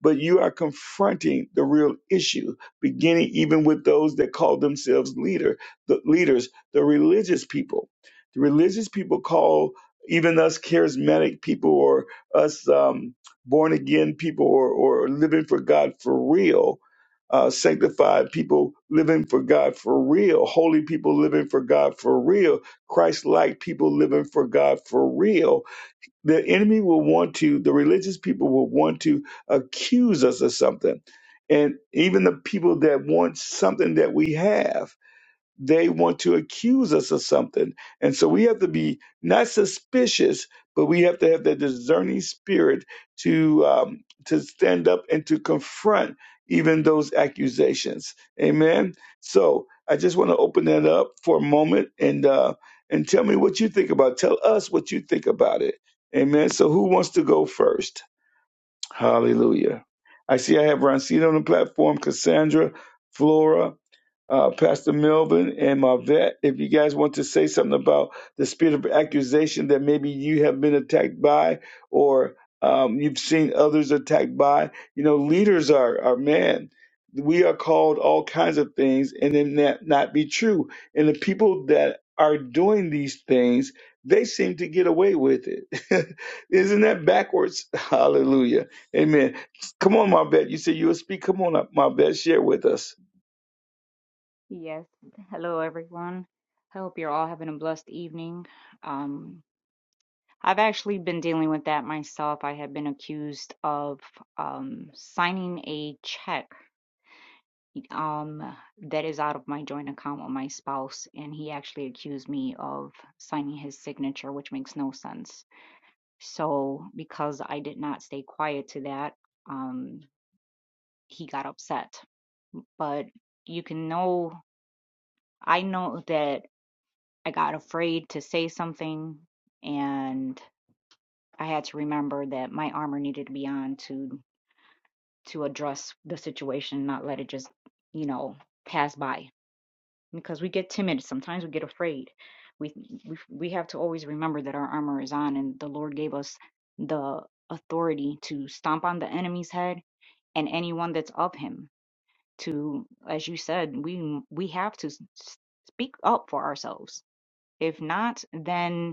Speaker 1: but you are confronting the real issue, beginning even with those that call themselves leader, the leaders, the religious people. The religious people call even us charismatic people or us um, born again people or, or living for God for real, uh, sanctified people living for God for real, holy people living for God for real, Christ like people living for God for real the enemy will want to, the religious people will want to accuse us of something. And even the people that want something that we have they want to accuse us of something. And so we have to be not suspicious, but we have to have that discerning spirit to um, to stand up and to confront even those accusations. Amen. So I just want to open that up for a moment and uh, and tell me what you think about. Tell us what you think about it. Amen. So who wants to go first? Hallelujah. I see I have Roncito on the platform, Cassandra, Flora uh, Pastor Melvin and Marvette, if you guys want to say something about the spirit of accusation that maybe you have been attacked by or um, you've seen others attacked by. You know, leaders are, are man. We are called all kinds of things and then that not be true. And the people that are doing these things, they seem to get away with it. Isn't that backwards? Hallelujah. Amen. Come on, Marvette. You said you would speak. Come on up, Marvette. Share with us.
Speaker 5: Yes. Hello, everyone. I hope you're all having a blessed evening. Um, I've actually been dealing with that myself. I have been accused of um, signing a check um, that is out of my joint account with my spouse, and he actually accused me of signing his signature, which makes no sense. So, because I did not stay quiet to that, um, he got upset. But you can know, I know that. I got afraid to say something and I had to remember that my armor needed to be on to to address the situation, not let it just, you know, pass by because we get timid sometimes we get afraid. We we we have to always remember that our armor is on and the Lord gave us the authority to stomp on the enemy's head and anyone that's of him to as you said we we have to s- speak up for ourselves if not then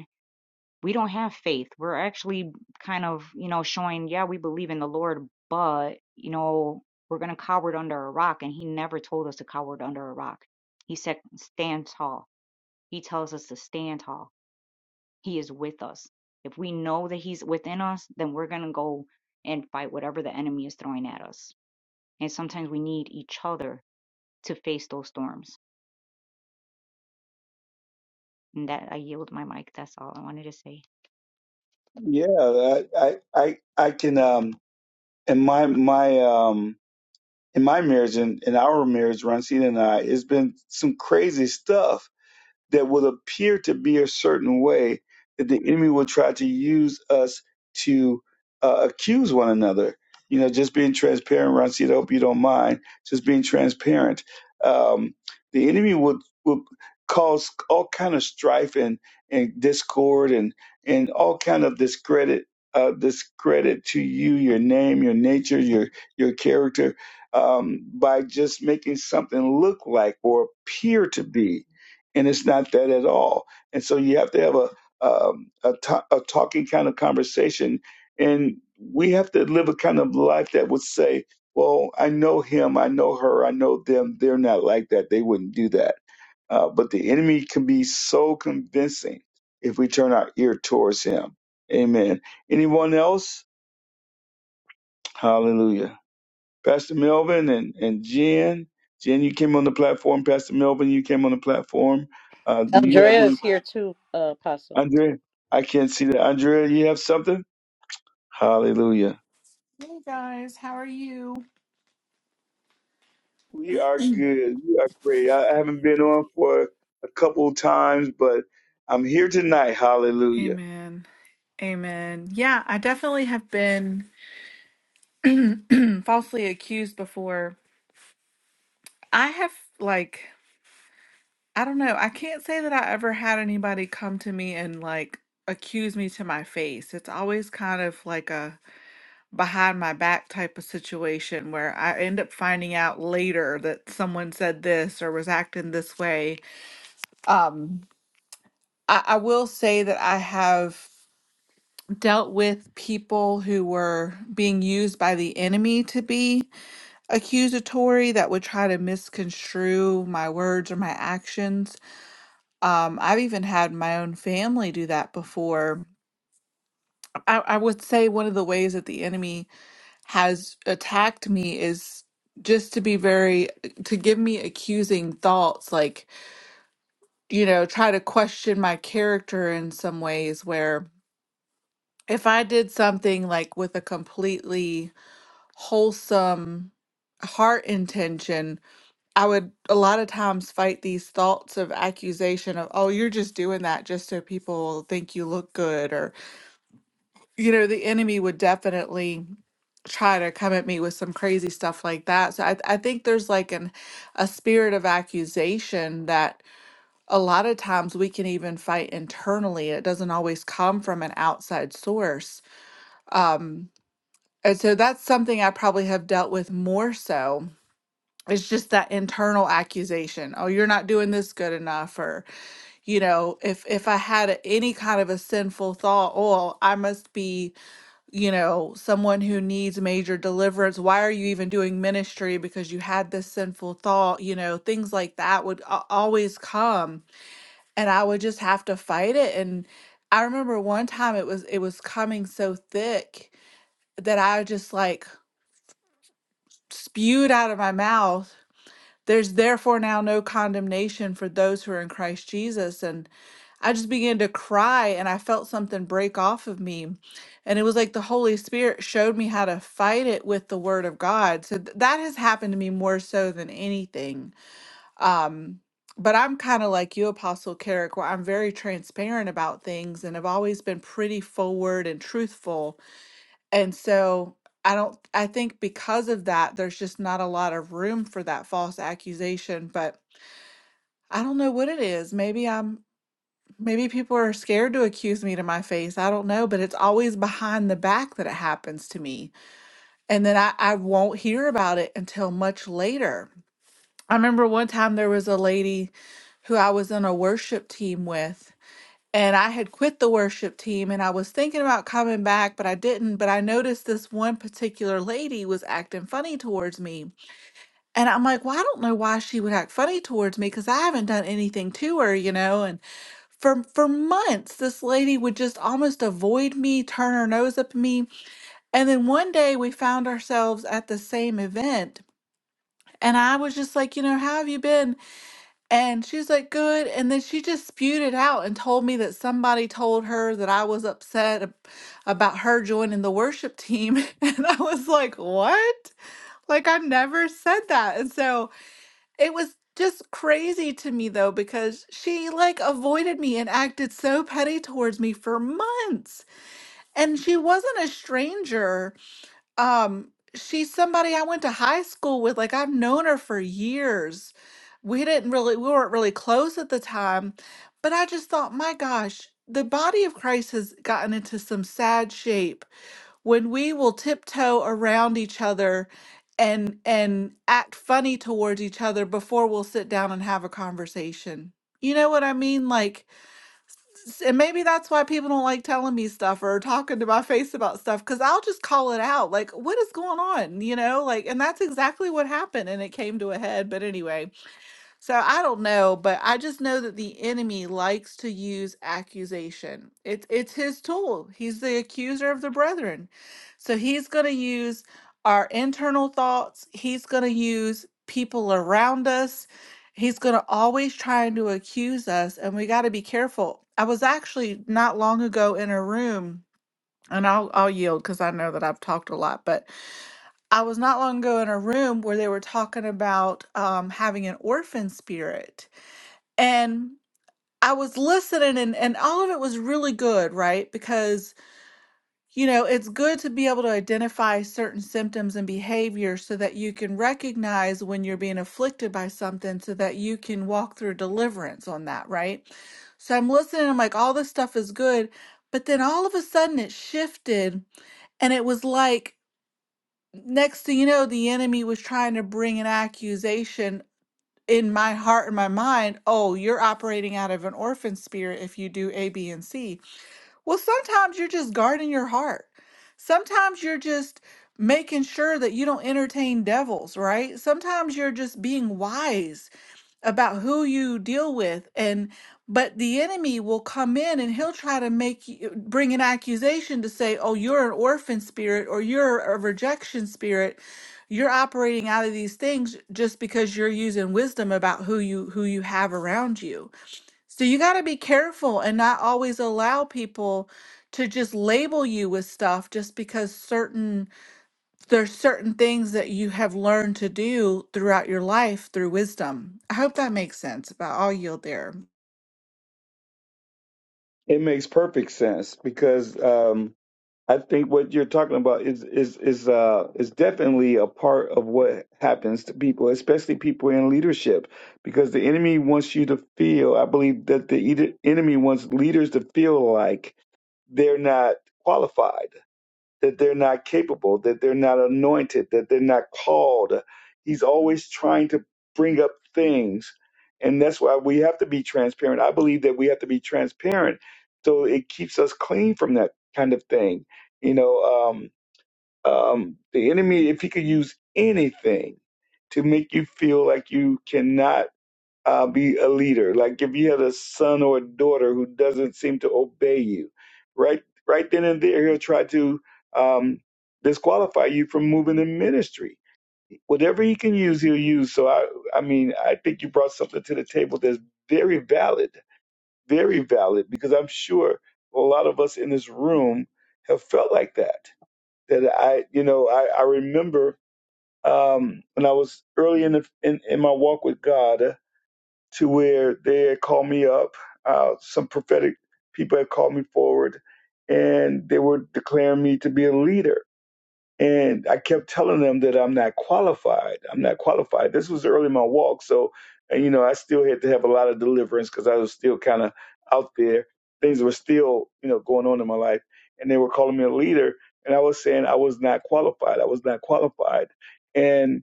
Speaker 5: we don't have faith. We're actually kind of, you know, showing, yeah, we believe in the Lord, but, you know, we're going to cower under a rock. And He never told us to cower under a rock. He said, stand tall. He tells us to stand tall. He is with us. If we know that He's within us, then we're going to go and fight whatever the enemy is throwing at us. And sometimes we need each other to face those storms. And that I yield my mic. That's all I wanted to say.
Speaker 1: Yeah, I, I, I I can. Um, in my my um, in my marriage and in, in our marriage, Francine and I, it's been some crazy stuff that will appear to be a certain way that the enemy will try to use us to uh, accuse one another. You know, just being transparent, Ronci, I hope you don't mind. Just being transparent. Um, the enemy would would cause all kind of strife and, and discord and and all kind of discredit uh, discredit to you, your name, your nature, your your character, um, by just making something look like or appear to be and it's not that at all. And so you have to have a um, a, to- a talking kind of conversation, and we have to live a kind of life that would say, "Well, I know him, I know her, I know them. They're not like that. They wouldn't do that." Uh, but the enemy can be so convincing if we turn our ear towards him. Amen. Anyone else? Hallelujah. Pastor Melvin and and Jen. Jen, you came on the platform. Pastor Melvin, you came on the platform. Uh, do you have any
Speaker 3: Andrea's here too, uh, Apostle.
Speaker 1: Andrea, I can't see that. Andrea, you have something? Hallelujah.
Speaker 6: Hey guys, how are you?
Speaker 1: We are good. We are great. I I haven't been on for a couple of times, but I'm here tonight. Hallelujah.
Speaker 6: Amen. Amen. Yeah, I definitely have been falsely accused before. I have, like, I don't know. I can't say that I ever had anybody come to me and, like, accuse me to my face. It's always kind of like a behind my back type of situation where I end up finding out later that someone said this or was acting this way. Um, I, I will say that I have. dealt with people who were being used by the enemy to be accusatory that would try to misconstrue my words or my actions. Um, I've even had my own family do that before. I, I would say one of the ways that the enemy has attacked me is just to be very, to give me accusing thoughts, like, you know, try to question my character in some ways where if I did something like with a completely wholesome heart intention, I would a lot of times fight these thoughts of accusation of, oh, you're just doing that just so people think you look good. Or, you know, the enemy would definitely try to come at me with some crazy stuff like that. So I, I think there's like an a spirit of accusation that a lot of times we can even fight internally. It doesn't always come from an outside source. Um, and so that's something I probably have dealt with more so it's just that internal accusation oh you're not doing this good enough or you know if if i had any kind of a sinful thought oh i must be you know someone who needs major deliverance why are you even doing ministry because you had this sinful thought you know things like that would a- always come and i would just have to fight it and i remember one time it was it was coming so thick that i just like spewed out of my mouth There's therefore now no condemnation for those who are in Christ Jesus. And I just began to cry and I felt something break off of me. And it was like the Holy Spirit showed me how to fight it with the Word of God. So th- that has happened to me more so than anything. Um, but I'm kind of like you, Apostle Carrick, where I'm very transparent about things and have always been pretty forward and truthful. And so I don't I think because of that there's just not a lot of room for that false accusation but I don't know what it is. Maybe I'm maybe people are scared to accuse me to my face. I don't know, but it's always behind the back that it happens to me. And then I, I won't hear about it until much later. I remember one time there was a lady who I was in a worship team with, and I had quit the worship team and I was thinking about coming back, but I didn't. But I noticed this one particular lady was acting funny towards me. And I'm like, well, I don't know why she would act funny towards me because I haven't done anything to her, you know? And for for months this lady would just almost avoid me turn her nose up at me and then one day we found ourselves at the same event and i was just like you know how have you been and she was like good and then she just spewed it out and told me that somebody told her that i was upset ab- about her joining the worship team and i was like what like i never said that and so it was just crazy to me though, because she like avoided me and acted so petty towards me for months. And she wasn't a stranger. Um, she's somebody I went to high school with. Like I've known her for years. We didn't really, we weren't really close at the time, but I just thought, my gosh, the body of Christ has gotten into some sad shape when we will tiptoe around each other and and act funny towards each other before we'll sit down and have a conversation you know what i mean like s- and maybe that's why people don't like telling me stuff or talking to my face about stuff because i'll just call it out like what is going on you know like and that's exactly what happened and it came to a head but anyway so I don't know, but I just know that the enemy likes to use accusation. It's it's his tool. He's the accuser of the brethren. So he's going to use our internal thoughts. He's going to use people around us. He's going to always trying to accuse us and we got to be careful. I was actually not long ago in a room and I'll I'll yield cuz I know that I've talked a lot, but I was not long ago in a room where they were talking about um, having an orphan spirit and I was listening and and all of it was really good, right? Because you know, it's good to be able to identify certain symptoms and behavior so that you can recognize when you're being afflicted by something so that you can walk through deliverance on that, right? So I'm listening, I'm like, all this stuff is good. But then all of a sudden it shifted and it was like next thing you know, the enemy was trying to bring an accusation in my heart and my mind, oh, you're operating out of an orphan spirit if you do A, B, and C. Well, sometimes you're just guarding your heart. Sometimes you're just making sure that you don't entertain devils, right? Sometimes you're just being wise about who you deal with and but the enemy will come in and he'll try to make you bring an accusation to say oh you're an orphan spirit or you're a rejection spirit you're operating out of these things just because you're using wisdom about who you who you have around you so you got to be careful and not always allow people to just label you with stuff just because certain there's certain things that you have learned to do throughout your life through wisdom. I hope that makes sense, but I'll yield there.
Speaker 1: It makes perfect sense because um, I think what you're talking about is is is uh is definitely a part of what happens to people, especially people in leadership, because the enemy wants you to feel. I believe that the ed- enemy wants leaders to feel like they're not qualified that they're not capable, that they're not anointed, that they're not called. He's always trying to bring up things. And that's why we have to be transparent. I believe that we have to be transparent so it keeps us clean from that kind of thing. You know, um, um, the enemy, if he could use anything to make you feel like you cannot uh, be a leader. Like if you had a son or a daughter who doesn't seem to obey you, right, right then and there, he'll try to um, disqualify you from moving in ministry. Whatever he can use, he'll use. So I, I mean, I think you brought something to the table that's very valid, very valid, because I'm sure a lot of us in this room have felt like that. That I, you know, I, I remember um, when I was early in, the, in in my walk with God to where they had called me up. Uh, some prophetic people had called me forward and they were declaring me to be a leader. And I kept telling them that I'm not qualified. I'm not qualified. This was early in my walk. So, and, you know, I still had to have a lot of deliverance because I was still kind of out there. Things were still, you know, going on in my life. And they were calling me a leader. And I was saying I was not qualified. I was not qualified. And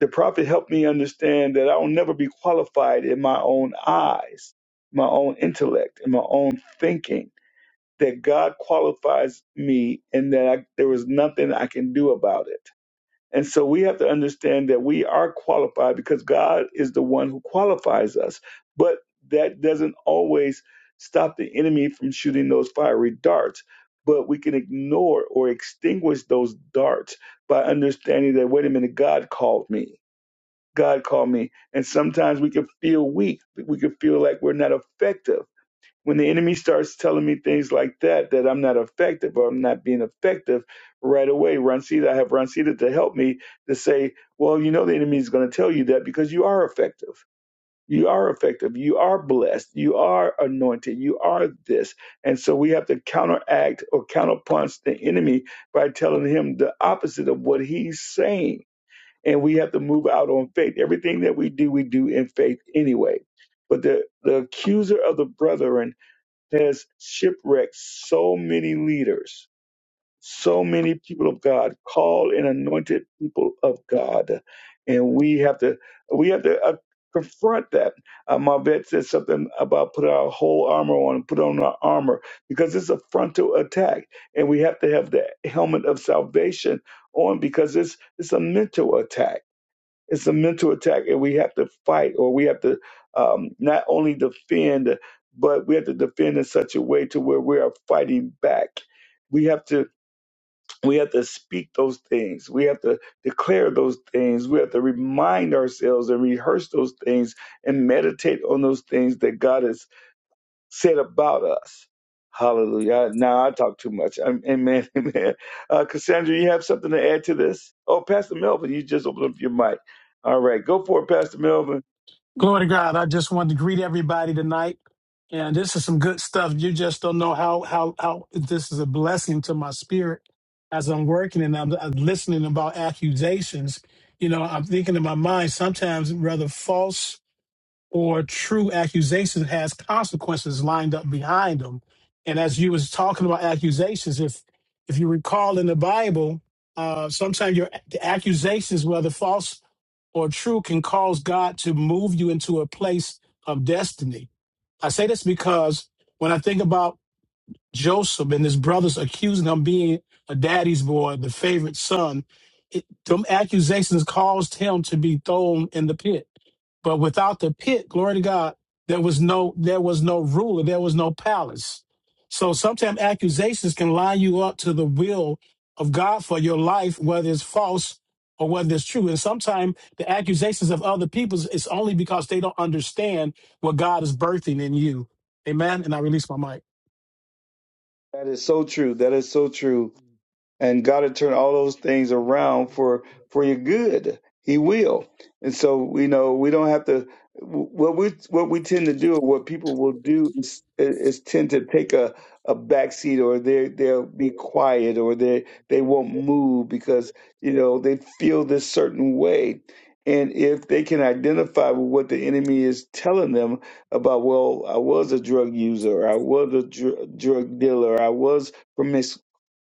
Speaker 1: the prophet helped me understand that I will never be qualified in my own eyes, my own intellect, and my own thinking. That God qualifies me, and that I, there is nothing I can do about it. And so we have to understand that we are qualified because God is the one who qualifies us. But that doesn't always stop the enemy from shooting those fiery darts. But we can ignore or extinguish those darts by understanding that, wait a minute, God called me God called me. And sometimes we can feel weak. We can feel like we're not effective. When the enemy starts telling me things like that, that I'm not effective or I'm not being effective right away, Rancida, I have Rancida to help me to say, well, you know, the enemy is going to tell you that because you are effective. You are effective. You are blessed. You are anointed. You are this. And so we have to counteract or counterpunch the enemy by telling him the opposite of what he's saying and we have to move out on faith. Everything that we do, we do in faith anyway. But the, the accuser of the brethren has shipwrecked so many leaders, so many people of God, called and anointed people of God, and we have to we have to uh, confront that. Uh, my vet said something about put our whole armor on, put on our armor because it's a frontal attack, and we have to have the helmet of salvation on because it's it's a mental attack it's a mental attack, and we have to fight, or we have to um, not only defend, but we have to defend in such a way to where we are fighting back. We have to we have to speak those things. We have to declare those things. We have to remind ourselves and rehearse those things and meditate on those things that God has said about us. Hallelujah. Now I talk too much. Um, Amen. Amen. Uh, Cassandra, you have something to add to this? Oh, Pastor Melvin, you just opened up your mic. All right. Go for it, Pastor Melvin.
Speaker 7: Glory to God. I just wanted to greet everybody tonight. And this is some good stuff. You just don't know how how how this is a blessing to my spirit as I'm working and I'm, I'm listening about accusations. You know, I'm thinking in my mind sometimes whether false or true accusations has consequences lined up behind them. And as you was talking about accusations, if if you recall in the Bible, uh, sometimes your the accusations, whether false or true can cause God to move you into a place of destiny. I say this because when I think about Joseph and his brothers accusing him being a daddy's boy, the favorite son. It, them accusations caused him to be thrown in the pit. But without the pit, glory to God, there was no there was no ruler, there was no palace. So sometimes accusations can line you up to the will of God for your life, whether it's false or whether it's true. And sometimes the accusations of other people is only because they don't understand what God is birthing in you. Amen. And I release my mic.
Speaker 1: That is so true. That is so true. and God will turn all those things around for for your good. He will, and so you know we don't have to. What we what we tend to do, or what people will do, is, is tend to take a a backseat, or they they'll be quiet, or they they won't move because you know they feel this certain way. And if they can identify with what the enemy is telling them about, well, I was a drug user, I was a dr- drug dealer, I was promiscuous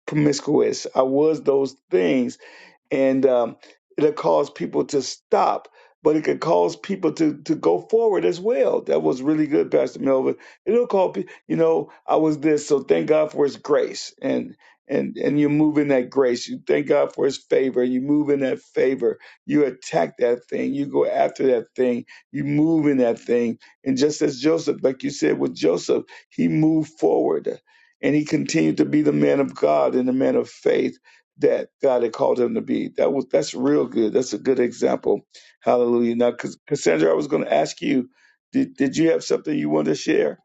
Speaker 1: promiscuous. I was those things and um, it'll cause people to stop, but it could cause people to to go forward as well. That was really good, Pastor Melvin. It'll call pe- you know I was this, so thank God for His grace, and and and you move in that grace. You thank God for His favor. You move in that favor. You attack that thing. You go after that thing. You move in that thing. And just as Joseph, like you said with Joseph, he moved forward. And he continued to be the man of God and the man of faith that God had called him to be. That was that's real good. That's a good example. Hallelujah. Now, Cas- Cassandra, I was going to ask you, did did you have something you wanted to share?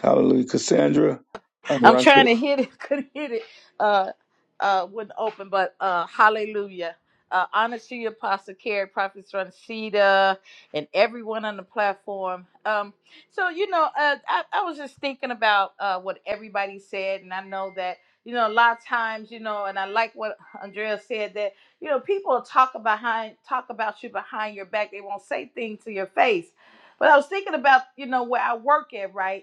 Speaker 1: Hallelujah, Cassandra. I'm
Speaker 3: I'm
Speaker 1: Russell.
Speaker 3: trying to hit it, couldn't hit it. Uh, uh, wouldn't open, but uh, hallelujah. Uh, honor to you, Apostle Carrie, Prophet Rancida, and everyone on the platform. Um, so, you know, uh, I, I was just thinking about uh, what everybody said, and I know that, you know, a lot of times, you know, and I like what Andrea said that, you know, people talk behind, talk about you behind your back. They won't say things to your face. But I was thinking about, you know, where I work at, right?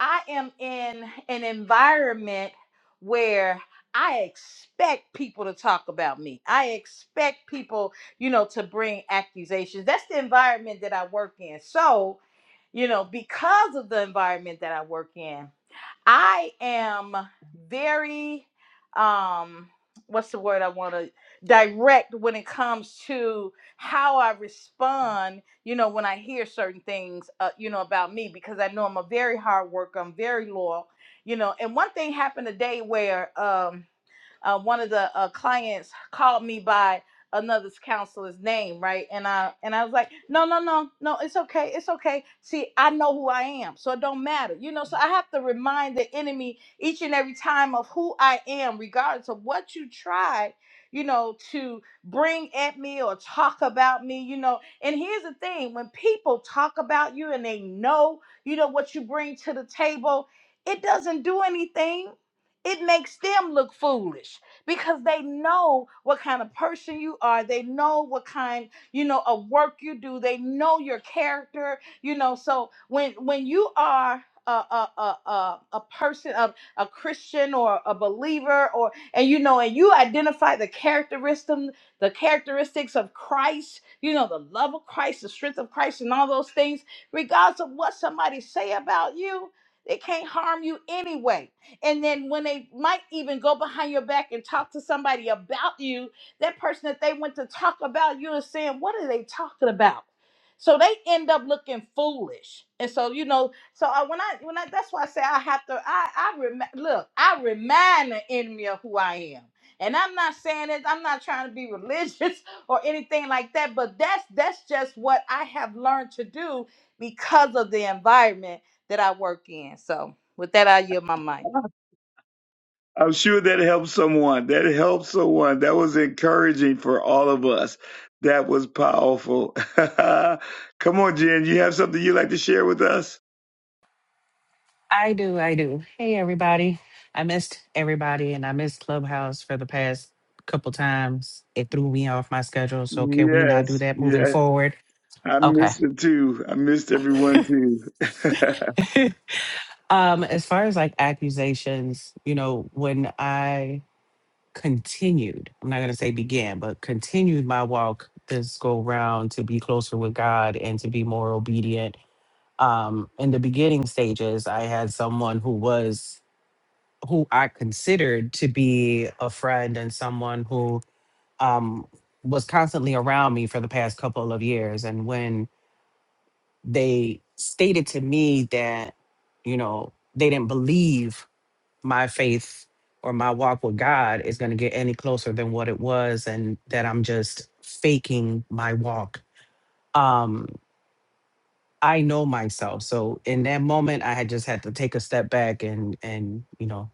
Speaker 3: I am in an environment where I expect people to talk about me. I expect people, you know, to bring accusations. That's the environment that I work in. So, you know, because of the environment that I work in, I am very um what's the word I want to direct when it comes to how I respond, you know, when I hear certain things uh, you know about me because I know I'm a very hard worker, I'm very loyal, you know. And one thing happened today where um uh, one of the uh, clients called me by another counselor's name, right? And I and I was like, no, no, no, no, it's okay, it's okay. See, I know who I am, so it don't matter, you know. So I have to remind the enemy each and every time of who I am, regardless of what you try, you know, to bring at me or talk about me, you know. And here's the thing: when people talk about you and they know, you know, what you bring to the table, it doesn't do anything it makes them look foolish because they know what kind of person you are. They know what kind, you know, of work you do. They know your character, you know. So when when you are a a a, a, a person of a Christian or a believer or and you know and you identify the characteristic the characteristics of Christ, you know, the love of Christ, the strength of Christ and all those things, regardless of what somebody say about you, it can't harm you anyway and then when they might even go behind your back and talk to somebody about you, that person that they went to talk about you is saying, What are they talking about? So they end up looking foolish. And so, you know, so I, when I, when I, that's why I say I have to, I, I, rem- look, I remind the enemy of who I am. And I'm not saying it, I'm not trying to be religious or anything like that, but that's, that's just what I have learned to do because of the environment that I work in. So with that, I yield my mic.
Speaker 1: I'm sure that helped someone. That helped someone. That was encouraging for all of us. That was powerful. Come on, Jen. You have something you'd like to share with us?
Speaker 8: I do, I do. Hey everybody. I missed everybody and I missed Clubhouse for the past couple times. It threw me off my schedule, so can we not do
Speaker 1: Yes,
Speaker 8: that moving
Speaker 1: yes.
Speaker 8: forward?
Speaker 1: I
Speaker 8: Okay.
Speaker 1: missed it too. I missed everyone too.
Speaker 8: um as far as like accusations, you know, when I continued, I'm not going to say began, but continued my walk this go round to be closer with God and to be more obedient. Um in the beginning stages, I had someone who was who I considered to be a friend and someone who um, was constantly around me for the past couple of years. And when they stated to me that, you know, they didn't believe my faith or my walk with God is going to get any closer than what it was, and that I'm just faking my walk. Um, I know myself. So in that moment, I had just had to take a step back and and you know,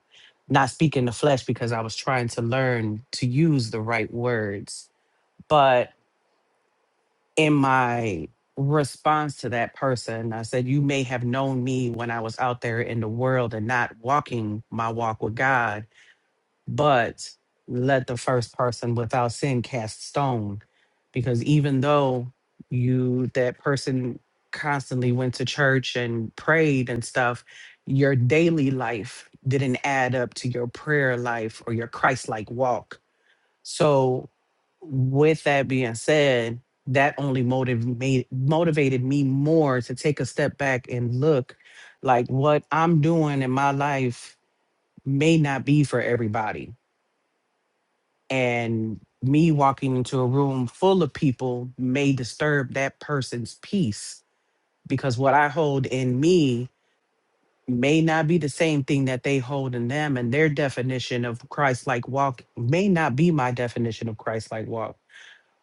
Speaker 8: not speak in the flesh because I was trying to learn to use the right words. But in my response to that person, I said, "You may have known me when I was out there in the world and not walking my walk with God." but let the first person without sin cast stone because even though you that person constantly went to church and prayed and stuff your daily life didn't add up to your prayer life or your christ-like walk so with that being said that only motivated motivated me more to take a step back and look like what i'm doing in my life may not be for everybody and me walking into a room full of people may disturb that person's peace because what I hold in me may not be the same thing that they hold in them and their definition of Christ like walk may not be my definition of Christ like walk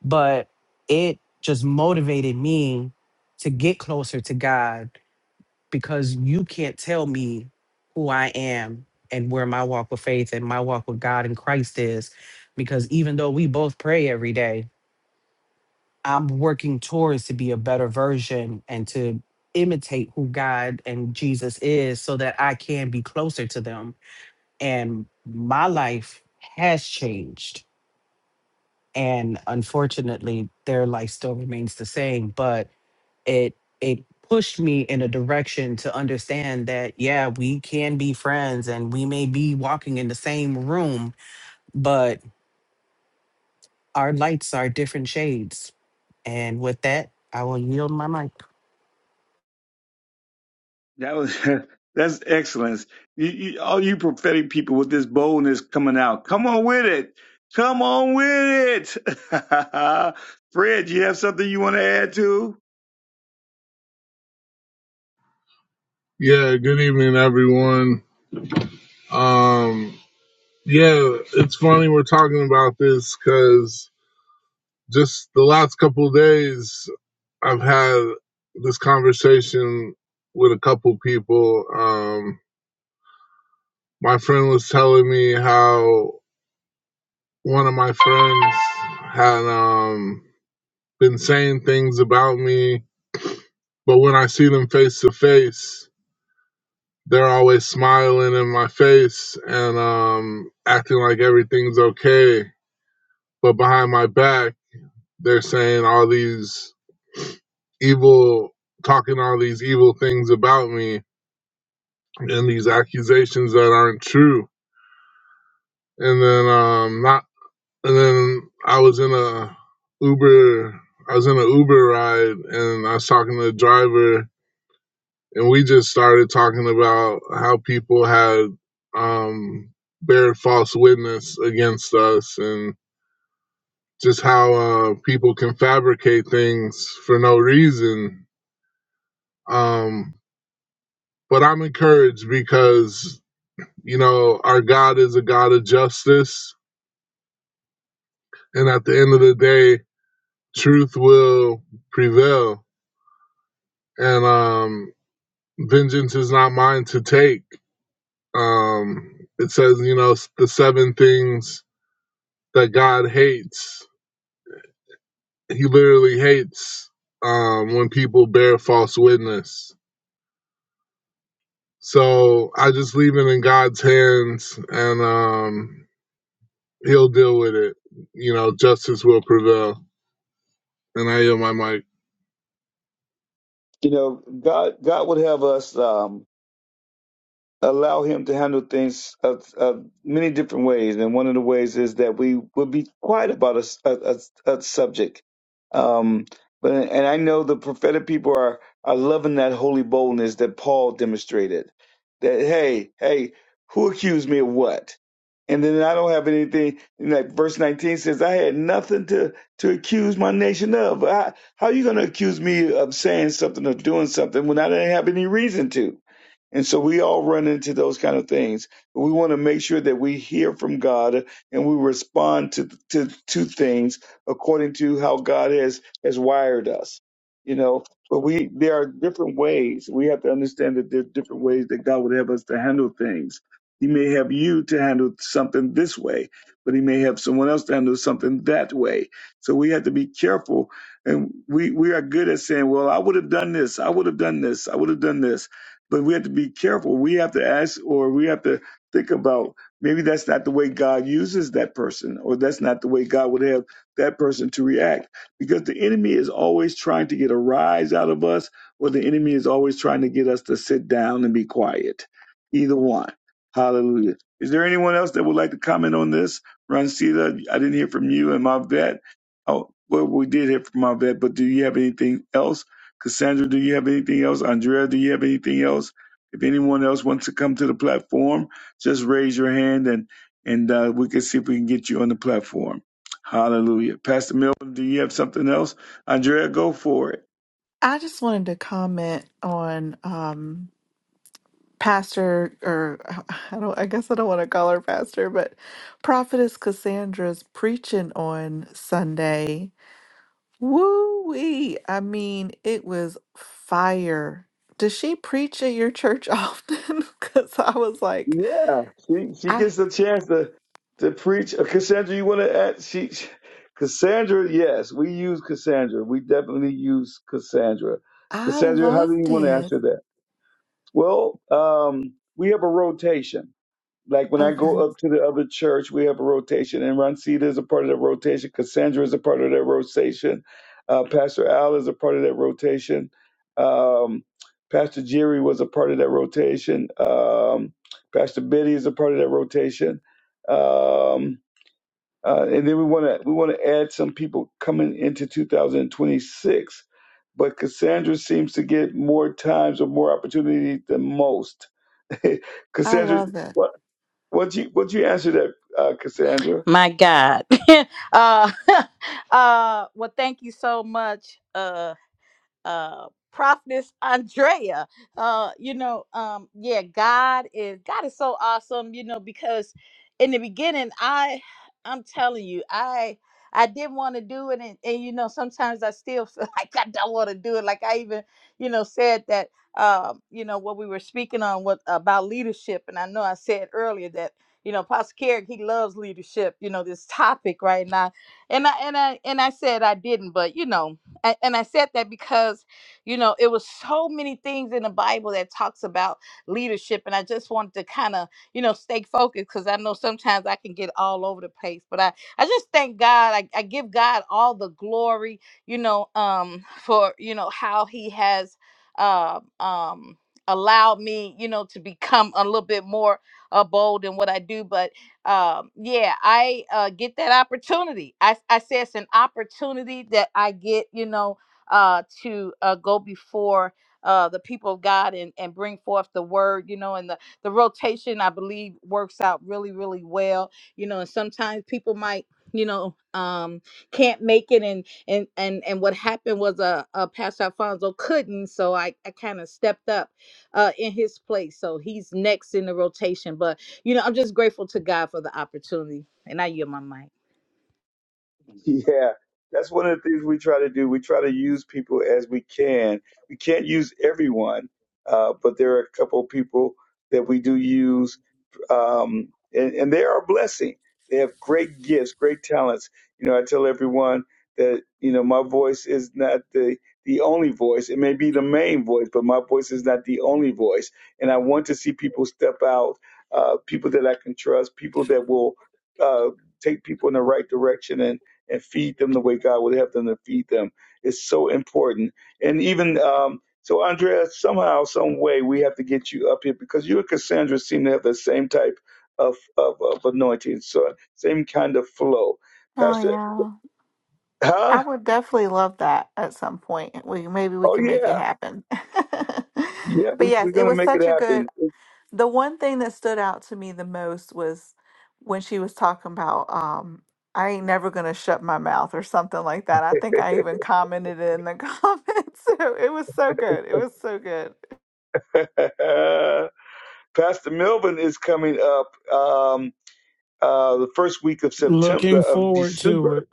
Speaker 8: but it just motivated me to get closer to God because you can't tell me who I am and where my walk with faith and my walk with God and Christ is. Because even though we both pray every day, I'm working towards to be a better version and to imitate who God and Jesus is so that I can be closer to them. And my life has changed. And unfortunately, their life still remains the same. But it it pushed me in a direction to understand that yeah we can be friends and we may be walking in the same room but our lights are different shades and with that i will yield my mic
Speaker 1: That was that's excellence. You, you, all you prophetic people with this boldness coming out. Come on with it. Come on with it. Fred, you have something you want to add to?
Speaker 9: Yeah, good evening, everyone. Um, yeah, it's funny we're talking about this because just the last couple of days, I've had this conversation with a couple people. Um, my friend was telling me how one of my friends had um, been saying things about me, but when I see them face to face, they're always smiling in my face and um, acting like everything's okay. But behind my back, they're saying all these evil, talking all these evil things about me and these accusations that aren't true. And then um, not, and then I was in a Uber, I was in an Uber ride and I was talking to the driver and we just started talking about how people had um, bared false witness against us and just how uh, people can fabricate things for no reason. Um, but I'm encouraged because, you know, our God is a God of justice. And at the end of the day, truth will prevail. And um, vengeance is not mine to take. Um, it says, you know, the seven things that God hates. He literally hates um, when people bear false witness. So I just leave it in God's hands, and um, He'll deal with it. You know, justice will prevail. And I yield my mic.
Speaker 1: You know, God God would have us. Um, allow him to handle things of, of many different ways. And one of the ways is that we will be quiet about a, s- a- a- a subject. Um, but and I know the prophetic people are are loving that holy boldness that Paul demonstrated. That hey, hey, who accused me of what? And then I don't have anything. and Like verse nineteen says, I had nothing to to accuse my nation of. I, how are you going to accuse me of saying something or doing something when I didn't have any reason to? And so we all run into those kind of things. We want to make sure that we hear from God and we respond to to to things according to how God has has wired us. You know, but we there are different ways. We have to understand that there are different ways that God would have us to handle things. He may have you to handle something this way, but he may have someone else to handle something that way. So we have to be careful. And we, we are good at saying, well, I would have done this. I would have done this. I would have done this but we have to be careful. We have to ask or we have to think about maybe that's not the way God uses that person, or that's not the way God would have that person to react. Because the enemy is always trying to get a rise out of us, or the enemy is always trying to get us to sit down and be quiet. Either one. Hallelujah. Is there anyone else that would like to comment on this? Rancida, I didn't hear from you and my vet. Oh, well, we did hear from my vet, but do you have anything else? Cassandra, do you have anything else? Andrea, do you have anything else? If anyone else wants to come to the platform, just raise your hand and and uh, we can see if we can get you on the platform. Hallelujah. Pastor Milton, do you have something else? Andrea, go for it.
Speaker 6: I just wanted to comment on um, Pastor, or uh, I don't, I guess I don't want to call her Pastor, but Prophetess Cassandra's preaching on Sunday. Woo wee! I mean, it was fire. Does she preach at your church often? Because I was like,
Speaker 1: Yeah, she she
Speaker 6: I
Speaker 1: gets the chance to to preach. Uh, Cassandra, you want to add? She, she- Cassandra, yes, we use Cassandra. We definitely use Cassandra.
Speaker 6: I
Speaker 1: Cassandra, how do you
Speaker 6: loved
Speaker 1: want to
Speaker 6: it.
Speaker 1: answer that? Well, um, we have a rotation. Like when I
Speaker 6: Okay.
Speaker 1: go up to the other church, we have a rotation, and Rancita is a part of that rotation. Cassandra is a part of that rotation. Uh, Pastor Al is a part of that rotation. Um, Pastor Jerry was a part of that rotation. Um, Pastor Biddy is a part of that rotation. Um, uh, and then we want to we want to add some people coming into 2026, but Cassandra seems to get more times or more opportunity than most.
Speaker 6: I
Speaker 1: Cassandra,
Speaker 6: love it.
Speaker 1: would you would you answer that, uh, Cassandra?
Speaker 3: My God. uh, uh, well, thank you so much. uh, uh prophetess andrea uh you know um yeah god is god is so awesome you know because in the beginning i i'm telling you i i didn't want to do it and, and you know sometimes i still feel like i don't want to do it like i even you know said that um you know what we were speaking on what about leadership and i know i said earlier that you know pastor Carrick, he loves leadership you know this topic right now and i and i and i said i didn't but you know and, and I said that because you know it was so many things in the Bible that talks about leadership, and I just wanted to kind of you know stay focused because I know sometimes I can get all over the place, but I I just thank God. I, I give God all the glory, you know, um, for you know how He has uh, um allowed me, you know, to become a little bit more uh, bold in what I do, but um yeah i uh get that opportunity i i say it's an opportunity that i get you know uh to uh go before uh the people of god and and bring forth the word you know and the the rotation i believe works out really really well you know and sometimes people might you know um can't make it and and and and what happened was uh, uh pastor alfonso couldn't so i i kind of stepped up uh in his place so he's next in the rotation but you know, I'm just grateful to God for the opportunity. And I yield my mic.
Speaker 1: Yeah, that's one of the things we try to do. We try to use people as we can. We can't use everyone, uh, but there are a couple of people that we do use um, and, and they are a blessing. They have great gifts, great talents. You know, I tell everyone that you know my voice is not the the only voice. It may be the main voice, but my voice is not the only voice. And I want to see people step out, uh, people that I can trust, people that will uh, take people in the right direction and and feed them the way God would have them to feed them. It's so important. And even um, so, Andrea, somehow, some way, we have to get you up here because you and Cassandra seem to have the same type of of, of anointing, so same kind of flow,
Speaker 6: Oh
Speaker 1: Pastor.
Speaker 6: yeah.
Speaker 1: Huh?
Speaker 6: I would definitely love that at some point. We maybe we
Speaker 1: Oh
Speaker 6: can make it
Speaker 1: yeah,
Speaker 6: happen.
Speaker 1: yeah.
Speaker 6: But
Speaker 1: We,
Speaker 6: yes,
Speaker 1: we're
Speaker 6: it
Speaker 1: gonna
Speaker 6: was
Speaker 1: make it
Speaker 6: such a good
Speaker 1: happen.
Speaker 6: the one thing that stood out to me the most was when she was talking about um I ain't never gonna shut my mouth or something like that. I think I even commented it in the comments. So it was so good. It was so good.
Speaker 1: Pastor Melvin is coming up um, uh, the first week of September
Speaker 7: Looking
Speaker 1: of
Speaker 7: forward
Speaker 1: December.
Speaker 7: to it.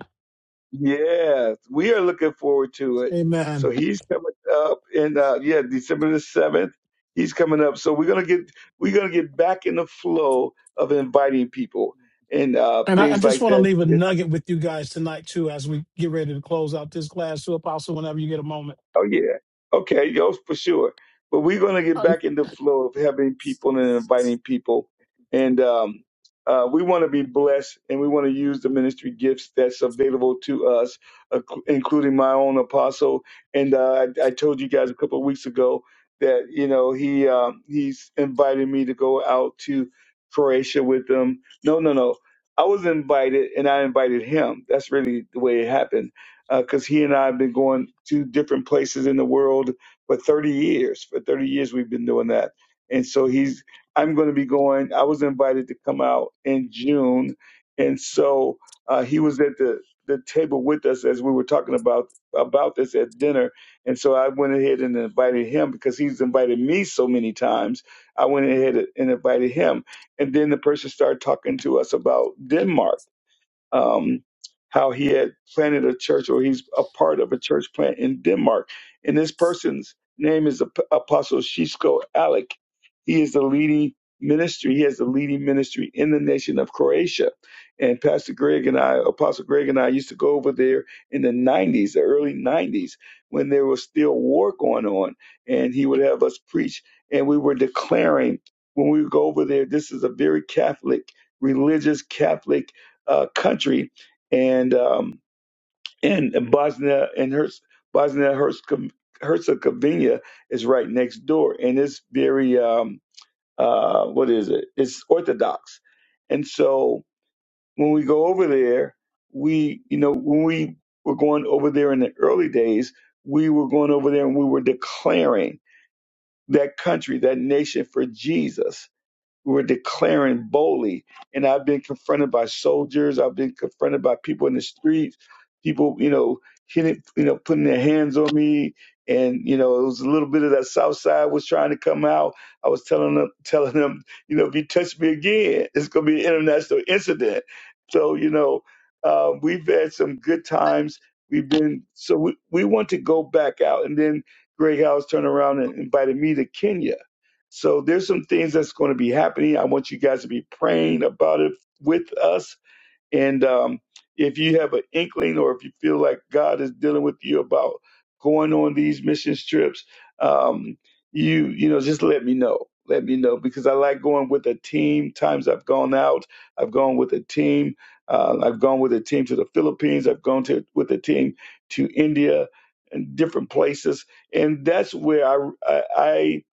Speaker 1: Yes, we are looking forward to it. So
Speaker 7: Amen.
Speaker 1: he's coming up in uh yeah, December the seventh. He's coming up. So we're gonna get we're gonna get back in the flow of inviting people and uh
Speaker 7: And I, I
Speaker 1: things
Speaker 7: just
Speaker 1: like
Speaker 7: want to
Speaker 1: that.
Speaker 7: leave a nugget with you guys tonight, too, as we get ready to close out this class, too, Apostle, whenever you get a moment.
Speaker 1: Oh yeah. Okay, yo, for sure. But we're gonna get
Speaker 7: Uh,
Speaker 1: back in the flow of having people and inviting people, and um, uh, we want to be blessed, and we want to use the ministry gifts that's available to us, uh, including my own apostle. And uh, I, I told you guys a couple of weeks ago that you know he um, he's invited me to go out to Croatia with him. No, no, no. I was invited, and I invited him. That's really the way it happened because uh, he and I have been going to different places in the world for 30 years. For 30 years, we've been doing that. And so he's, I'm going to be going. I was invited to come out in June. And so uh, he was at the, the table with us as we were talking about about this at dinner. And so I went ahead and invited him because he's invited me so many times. I went ahead and invited him. And then the person started talking to us about Denmark um, how he had planted a church or he's a part of a church plant in Denmark. And this person's name is Ap- Apostle Shisko Alec. He is the leading ministry. He has the leading ministry in the nation of Croatia. And Pastor Greg and I, Apostle Greg and I used to go over there in the 90s, the early 90s, when there was still war going on. And he would have us preach. And we were declaring when we would go over there, this is a very Catholic, religious Catholic uh, country, and um, and Bosnia and Herz Bosnia Herzegovina Herzegovina is right next door, and it's very um, uh, what is it? It's Orthodox, and so when we go over there, we you know when we were going over there in the early days, we were going over there and we were declaring that country, that nation for Jesus we were declaring boldly. And I've been confronted by soldiers. I've been confronted by people in the streets, people, you know, hitting, you know, putting their hands on me. And, you know, it was a little bit of that South Side was trying to come out. I was telling them, telling them, you know, if you touch me again, it's going to be an international incident. So, you know, uh, we've had some good times. We've been, so we, we want to go back out. And then Greg House turned around and invited me to Kenya so there's some things that's going to be happening. I want you guys to be praying about it with us and um, if you have an inkling or if you feel like God is dealing with you about going on these mission trips, um, you you know just let me know. Let me know because I like going with a team. Times I've gone out, I've gone with a team. Uh, I've gone with a team to the Philippines. I've gone to with a team to India and different places, and that's where I I, I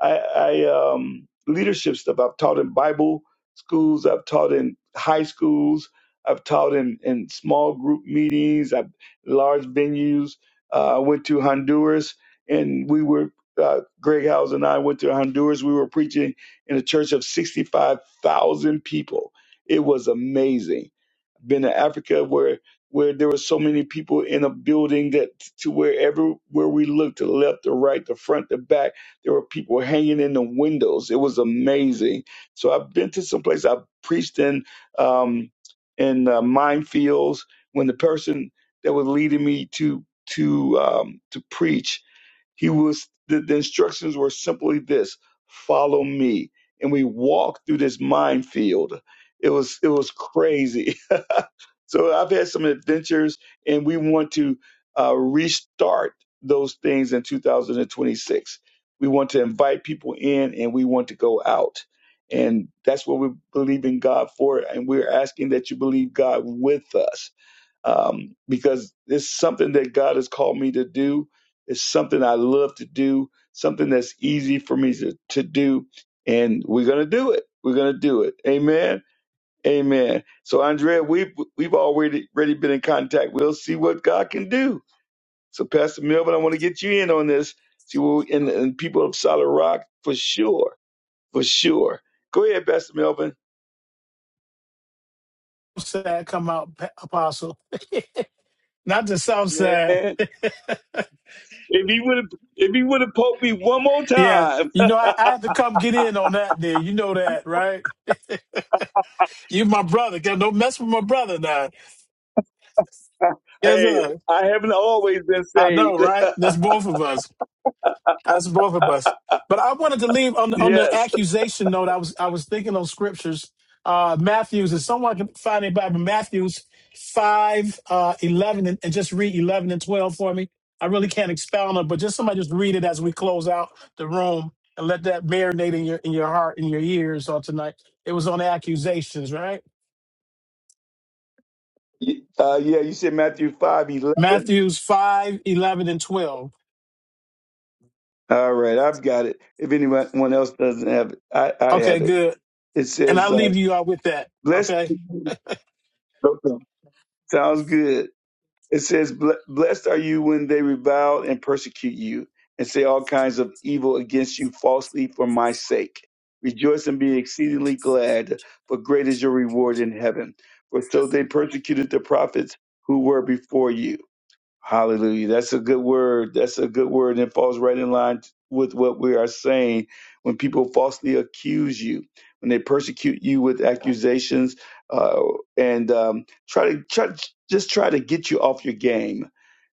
Speaker 1: I, I um, leadership stuff. I've taught in Bible schools. I've taught in high schools I've taught in, in small group meetings, I've large venues. Uh, I went to Honduras and we were, uh, Greg Howes and I went to Honduras. We were preaching in a church of 65,000 people. It was amazing. Been to Africa where where there were so many people in a building that to wherever where we looked to the left, the right, the front, the back, there were people hanging in the windows. It was amazing. So I've been to some place. I've preached in. Um, in uh, minefields when the person that was leading me to to um, to preach he was the, the instructions were simply this: follow me. And we walked through this minefield. It was it was crazy. so I've had some adventures, and we want to uh, restart those things in 2026. We want to invite people in, and we want to go out, and that's what we believe in God for. And we're asking that you believe God with us um, because it's something that God has called me to do. It's something I love to do, something that's easy for me to, to do. And we're going to do it. We're going to do it. Amen. Amen. So, Andrea, we've, we've already, already been in contact. We'll see what God can do. So, Pastor Melvin, I want to get you in on this. See, what we- and, in people of Solid Rock, for sure, for sure. Go ahead, Pastor Melvin.
Speaker 7: Southside come out, Pa- Apostle. Not the
Speaker 1: Man,
Speaker 7: Southside.
Speaker 1: if he would have, if he would have poked me one more
Speaker 7: Yeah.
Speaker 1: time,
Speaker 7: You know, I, I had to come get in on that there. You know that, right? You my brother. Don't mess with my brother now. Yes,
Speaker 1: Hey,
Speaker 7: sir.
Speaker 1: I haven't always been
Speaker 7: I know,
Speaker 1: saved.
Speaker 7: right? That's both of us. That's both of us. But I wanted to leave on on the
Speaker 1: yes.
Speaker 7: accusation note. I was I was thinking of scriptures. Uh, Matthew's. If someone can find it Bible, Matthew's five uh, eleven and, and just read eleven and twelve for me. I really can't expound on, it, but just somebody just read it as we close out the room and let that marinate in your in your heart in your ears on tonight. It was on accusations, right?
Speaker 1: Uh, yeah, you said Matthew five eleven.
Speaker 7: Matthew's five eleven and twelve.
Speaker 1: All right, I've got it. If anyone else doesn't have it, I, I
Speaker 7: Okay,
Speaker 1: have it.
Speaker 7: good.
Speaker 1: It
Speaker 7: And I
Speaker 1: says, uh,
Speaker 7: leave you all with that.
Speaker 1: blessed.
Speaker 7: Okay.
Speaker 1: Okay. Sounds good. It says, "Ble- blessed are you when they revile and persecute you and say all kinds of evil against you falsely for my sake. Rejoice and be exceedingly glad, for great is your reward in heaven. For so they persecuted the prophets who were before you. Hallelujah. That's a good word. That's a good word. And it falls right in line with what we are saying. When people falsely accuse you, when they persecute you with accusations, uh, and um, try to try, just try to get you off your game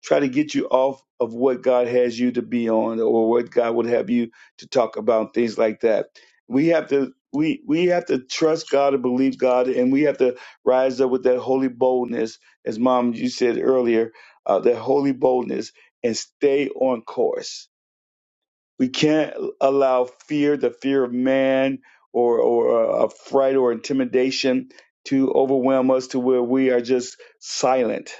Speaker 1: try to get you off of what God has you to be on or what God would have you to talk about things like that. We have to we we have to trust God and believe God and we have to rise up with that holy boldness as mom you said earlier uh, that holy boldness and stay on course. We can't allow fear, the fear of man or or uh, a fright or intimidation to overwhelm us to where we are just silent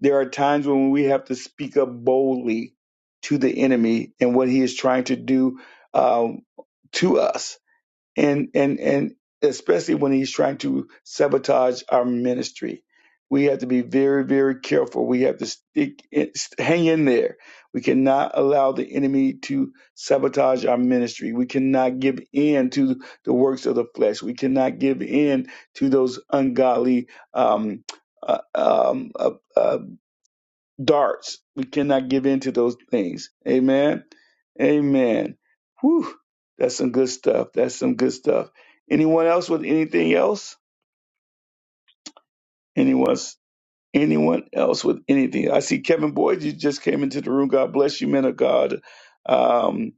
Speaker 1: there are times when we have to speak up boldly to the enemy and what he is trying to do um, to us, and and and especially when he's trying to sabotage our ministry. We have to be very, very careful. We have to stick, in- hang in there. We cannot allow the enemy to sabotage our ministry. We cannot give in to the works of the flesh. We cannot give in to those ungodly um, uh, um, uh, uh, darts. We cannot give in to those things. Amen. Amen. Whew. That's some good stuff. That's some good stuff. Anyone else with anything else? Anyone anyone else with anything? I see Kevin Boyd, you just came into the room. God bless you, man of God. Um,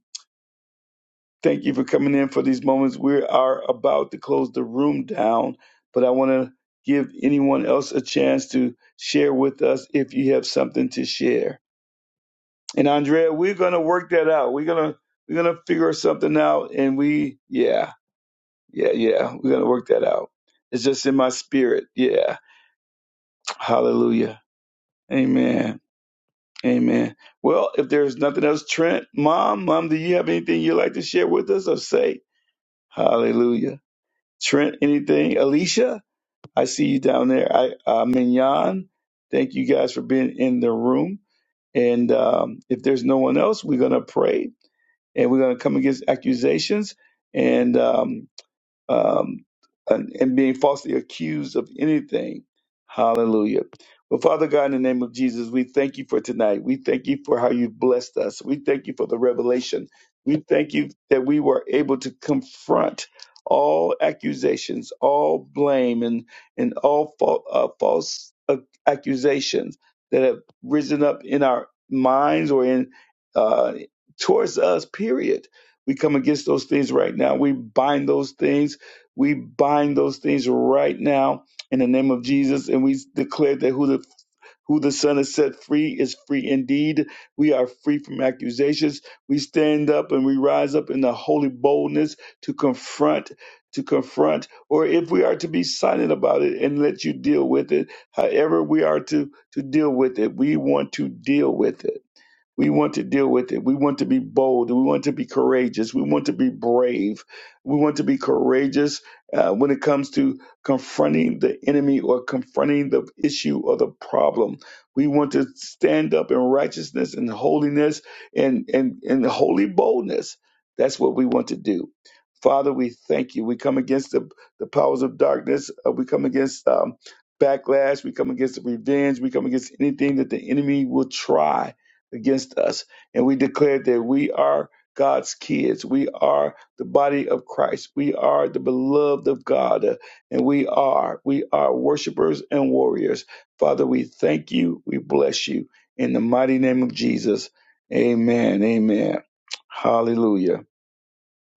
Speaker 1: thank you for coming in for these moments. We are about to close the room down, but I want to give anyone else a chance to share with us if you have something to share. And Andrea, we're gonna work that out. We're gonna we're gonna figure something out, and we yeah yeah yeah we're gonna work that out. It's just in my spirit. Yeah, Hallelujah, Amen, Amen. Well, if there's nothing else, Trent, Mom, Mom, do you have anything you'd like to share with us or say? Hallelujah, Trent. Anything, Alicia? I see you down there. I uh, Mignon, thank you guys for being in the room. And um, if there's no one else, we're gonna pray and we're going to come against accusations and um, um, and, and being falsely accused of anything. Hallelujah. Well, Father God, in the name of Jesus, we thank you for tonight. We thank you for how you've blessed us. We thank you for the revelation. We thank you that we were able to confront all accusations, all blame, and, and all fa- uh, false uh, accusations that have risen up in our minds or in uh, towards us, period. We come against those things right now. We bind those things we bind those things right now in the name of Jesus, and we declare that who the who the Son has set free is free indeed. We are free from accusations. We stand up and we rise up in the holy boldness to confront, to confront, or if we are to be silent about it and let you deal with it, however we are to to deal with it, we want to deal with it we want to deal with it. We want to be bold. We want to be courageous. We want to be brave. We want to be courageous uh, when it comes to confronting the enemy or confronting the issue or the problem. We want to stand up in righteousness and holiness and, and, and holy boldness. That's what we want to do. Father, we thank you. We come against the, the powers of darkness. Uh, we come against um, backlash. We come against revenge. We come against anything that the enemy will try against us. And we declare that we are God's kids. We are the body of Christ. We are the beloved of God. Uh, And we are, we are worshipers and warriors. Father, we thank you. We bless you. In the mighty name of Jesus. Amen. Amen. Hallelujah.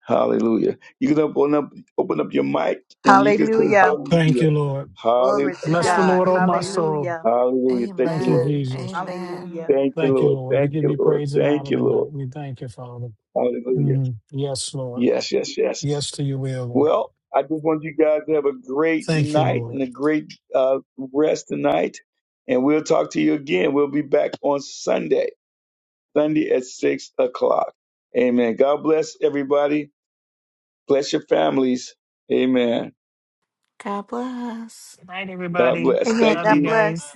Speaker 1: Hallelujah. You can open up open up your mic and you can say
Speaker 3: Hallelujah.
Speaker 7: Thank
Speaker 1: hallelujah.
Speaker 7: you, Lord.
Speaker 3: Glory to
Speaker 7: Bless
Speaker 1: Hallelujah.
Speaker 7: the
Speaker 3: God.
Speaker 7: Lord, oh my
Speaker 6: Hallelujah.
Speaker 7: soul
Speaker 3: Hallelujah.
Speaker 1: Hallelujah. Thank you,
Speaker 7: Thank you,
Speaker 1: Lord.
Speaker 6: Amen.
Speaker 7: Jesus.
Speaker 3: Hallelujah.
Speaker 6: Amen.
Speaker 1: Thank you,
Speaker 7: Thank you,
Speaker 1: Lord.
Speaker 7: Lord. We
Speaker 1: Thank
Speaker 7: give
Speaker 1: you,
Speaker 7: you
Speaker 1: Lord.
Speaker 7: praise and
Speaker 1: Thank
Speaker 7: honor
Speaker 1: you, Lord.
Speaker 7: tonight. We thank you, Father.
Speaker 1: Hallelujah.
Speaker 7: Mm, yes, Lord.
Speaker 1: Yes, yes, yes.
Speaker 7: Yes to your will, Lord.
Speaker 1: Well, I just want you guys to have a great
Speaker 7: Thank you,
Speaker 1: night
Speaker 7: Lord.
Speaker 1: and a great uh, rest tonight. And we'll talk to you again. We'll be back on Sunday, Sunday at 6 o'clock. Amen. God bless everybody. Bless your families. Amen.
Speaker 6: God bless.
Speaker 8: Good night,
Speaker 1: God
Speaker 8: everybody.
Speaker 1: bless. Thank
Speaker 8: Love you
Speaker 1: you.
Speaker 8: guys.